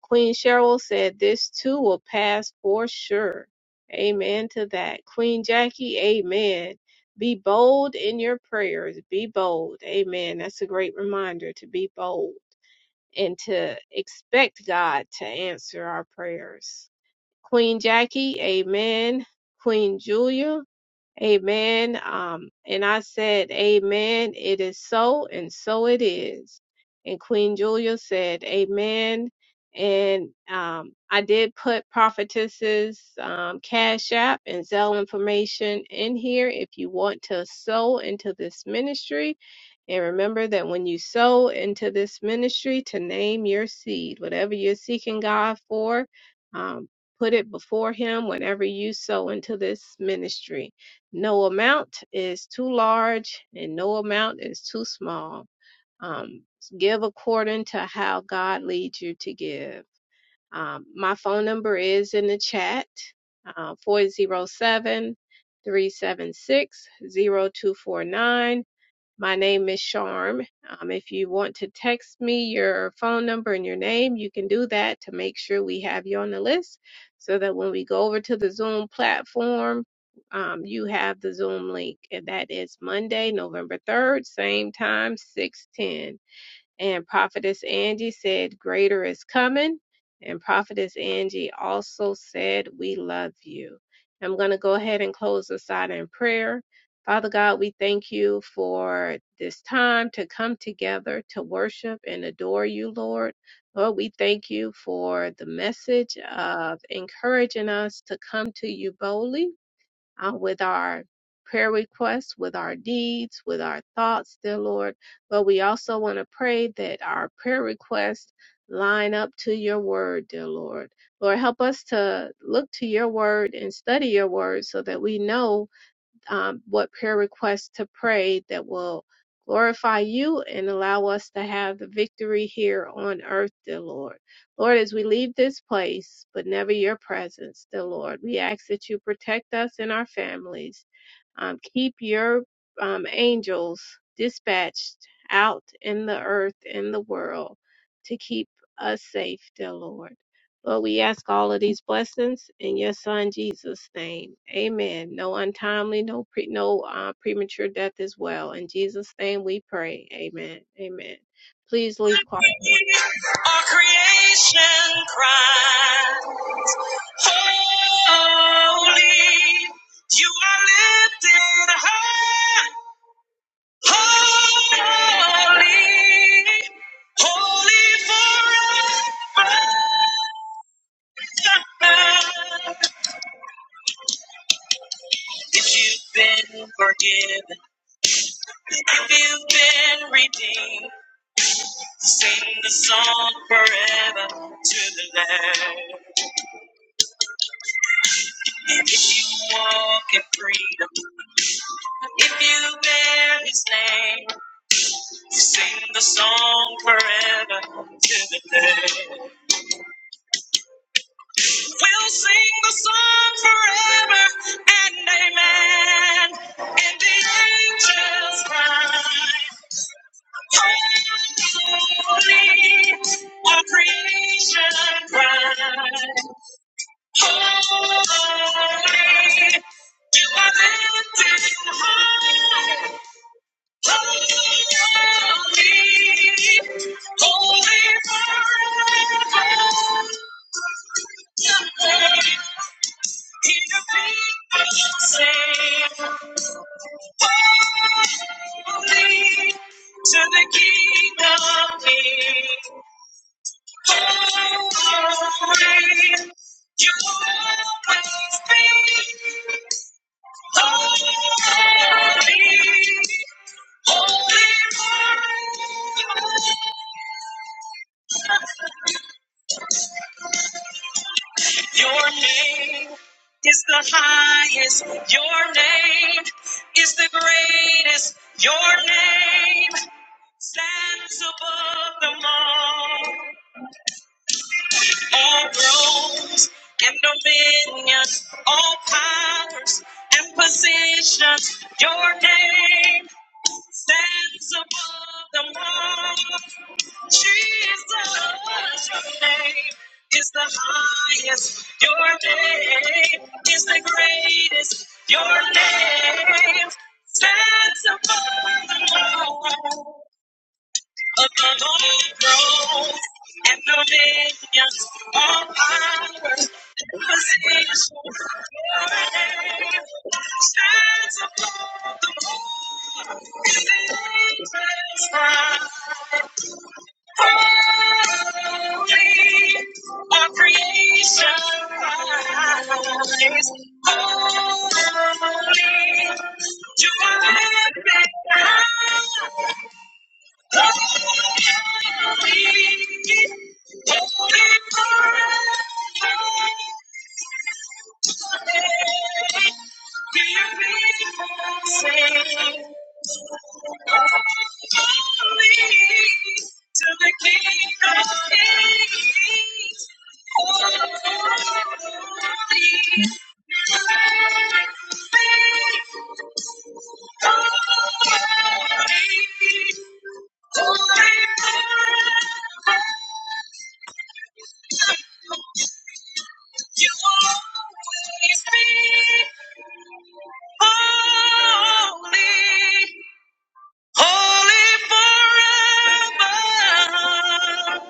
[SPEAKER 3] Queen Cheryl said, This too will pass for sure. Amen to that. Queen Jackie, amen. Be bold in your prayers. Be bold. Amen. That's a great reminder to be bold and to expect God to answer our prayers. Queen Jackie, amen. Queen Julia, Amen. Um, and I said, Amen. It is so, and so it is. And Queen Julia said, Amen. And um, I did put prophetess's um, cash app and Zelle information in here if you want to sow into this ministry. And remember that when you sow into this ministry, to name your seed, whatever you're seeking God for, um, put it before Him whenever you sow into this ministry no amount is too large and no amount is too small. Um, give according to how God leads you to give. Um, my phone number is in the chat, uh, 407 my name is Charm. Um, if you want to text me your phone number and your name, you can do that to make sure we have you on the list so that when we go over to the Zoom platform, um, you have the Zoom link. And that is Monday, November 3rd, same time, 6:10. And Prophetess Angie said, Greater is coming. And Prophetess Angie also said, We love you. I'm going to go ahead and close this out in prayer. Father God, we thank you for this time to come together to worship and adore you, Lord. Lord, we thank you for the message of encouraging us to come to you boldly uh, with our prayer requests, with our needs, with our thoughts, dear Lord. But we also want to pray that our prayer requests line up to your word, dear Lord. Lord, help us to look to your word and study your word so that we know um, what prayer requests to pray that will glorify you and allow us to have the victory here on earth, dear Lord. Lord, as we leave this place, but never your presence, dear Lord, we ask that you protect us and our families. Um, keep your um, angels dispatched out in the earth and the world to keep us safe, dear Lord. Lord, we ask all of these blessings in your son Jesus' name. Amen. No untimely, no pre, no uh, premature death as well. In Jesus' name we pray. Amen. Amen. Please leave quietly.
[SPEAKER 1] Our creation cries, holy. You are lifted high, holy, holy forever. If you've been forgiven. If you've been redeemed, sing the song forever to the Lamb. If you walk in freedom, if you bear His name, sing the song forever to the Lamb. We'll sing the song forever and amen. And the angels cry, Holy, our creation cries. To the King of Kings, holy, you will always be holy. Your name is the highest. Your name is the greatest. Your name stands above them all. All thrones and dominions, all powers and positions. Your name stands above them all. Jesus, your name is the highest. Your name is the greatest. Your name stands above the law. Above all thrones and dominions, all powers and positions. Your name stands above the holy angels. Our creation cries, holy. You are living, living forever. Hear me sing, holy to the King of Kings. Holy, holy, holy. You always be holy, holy forever.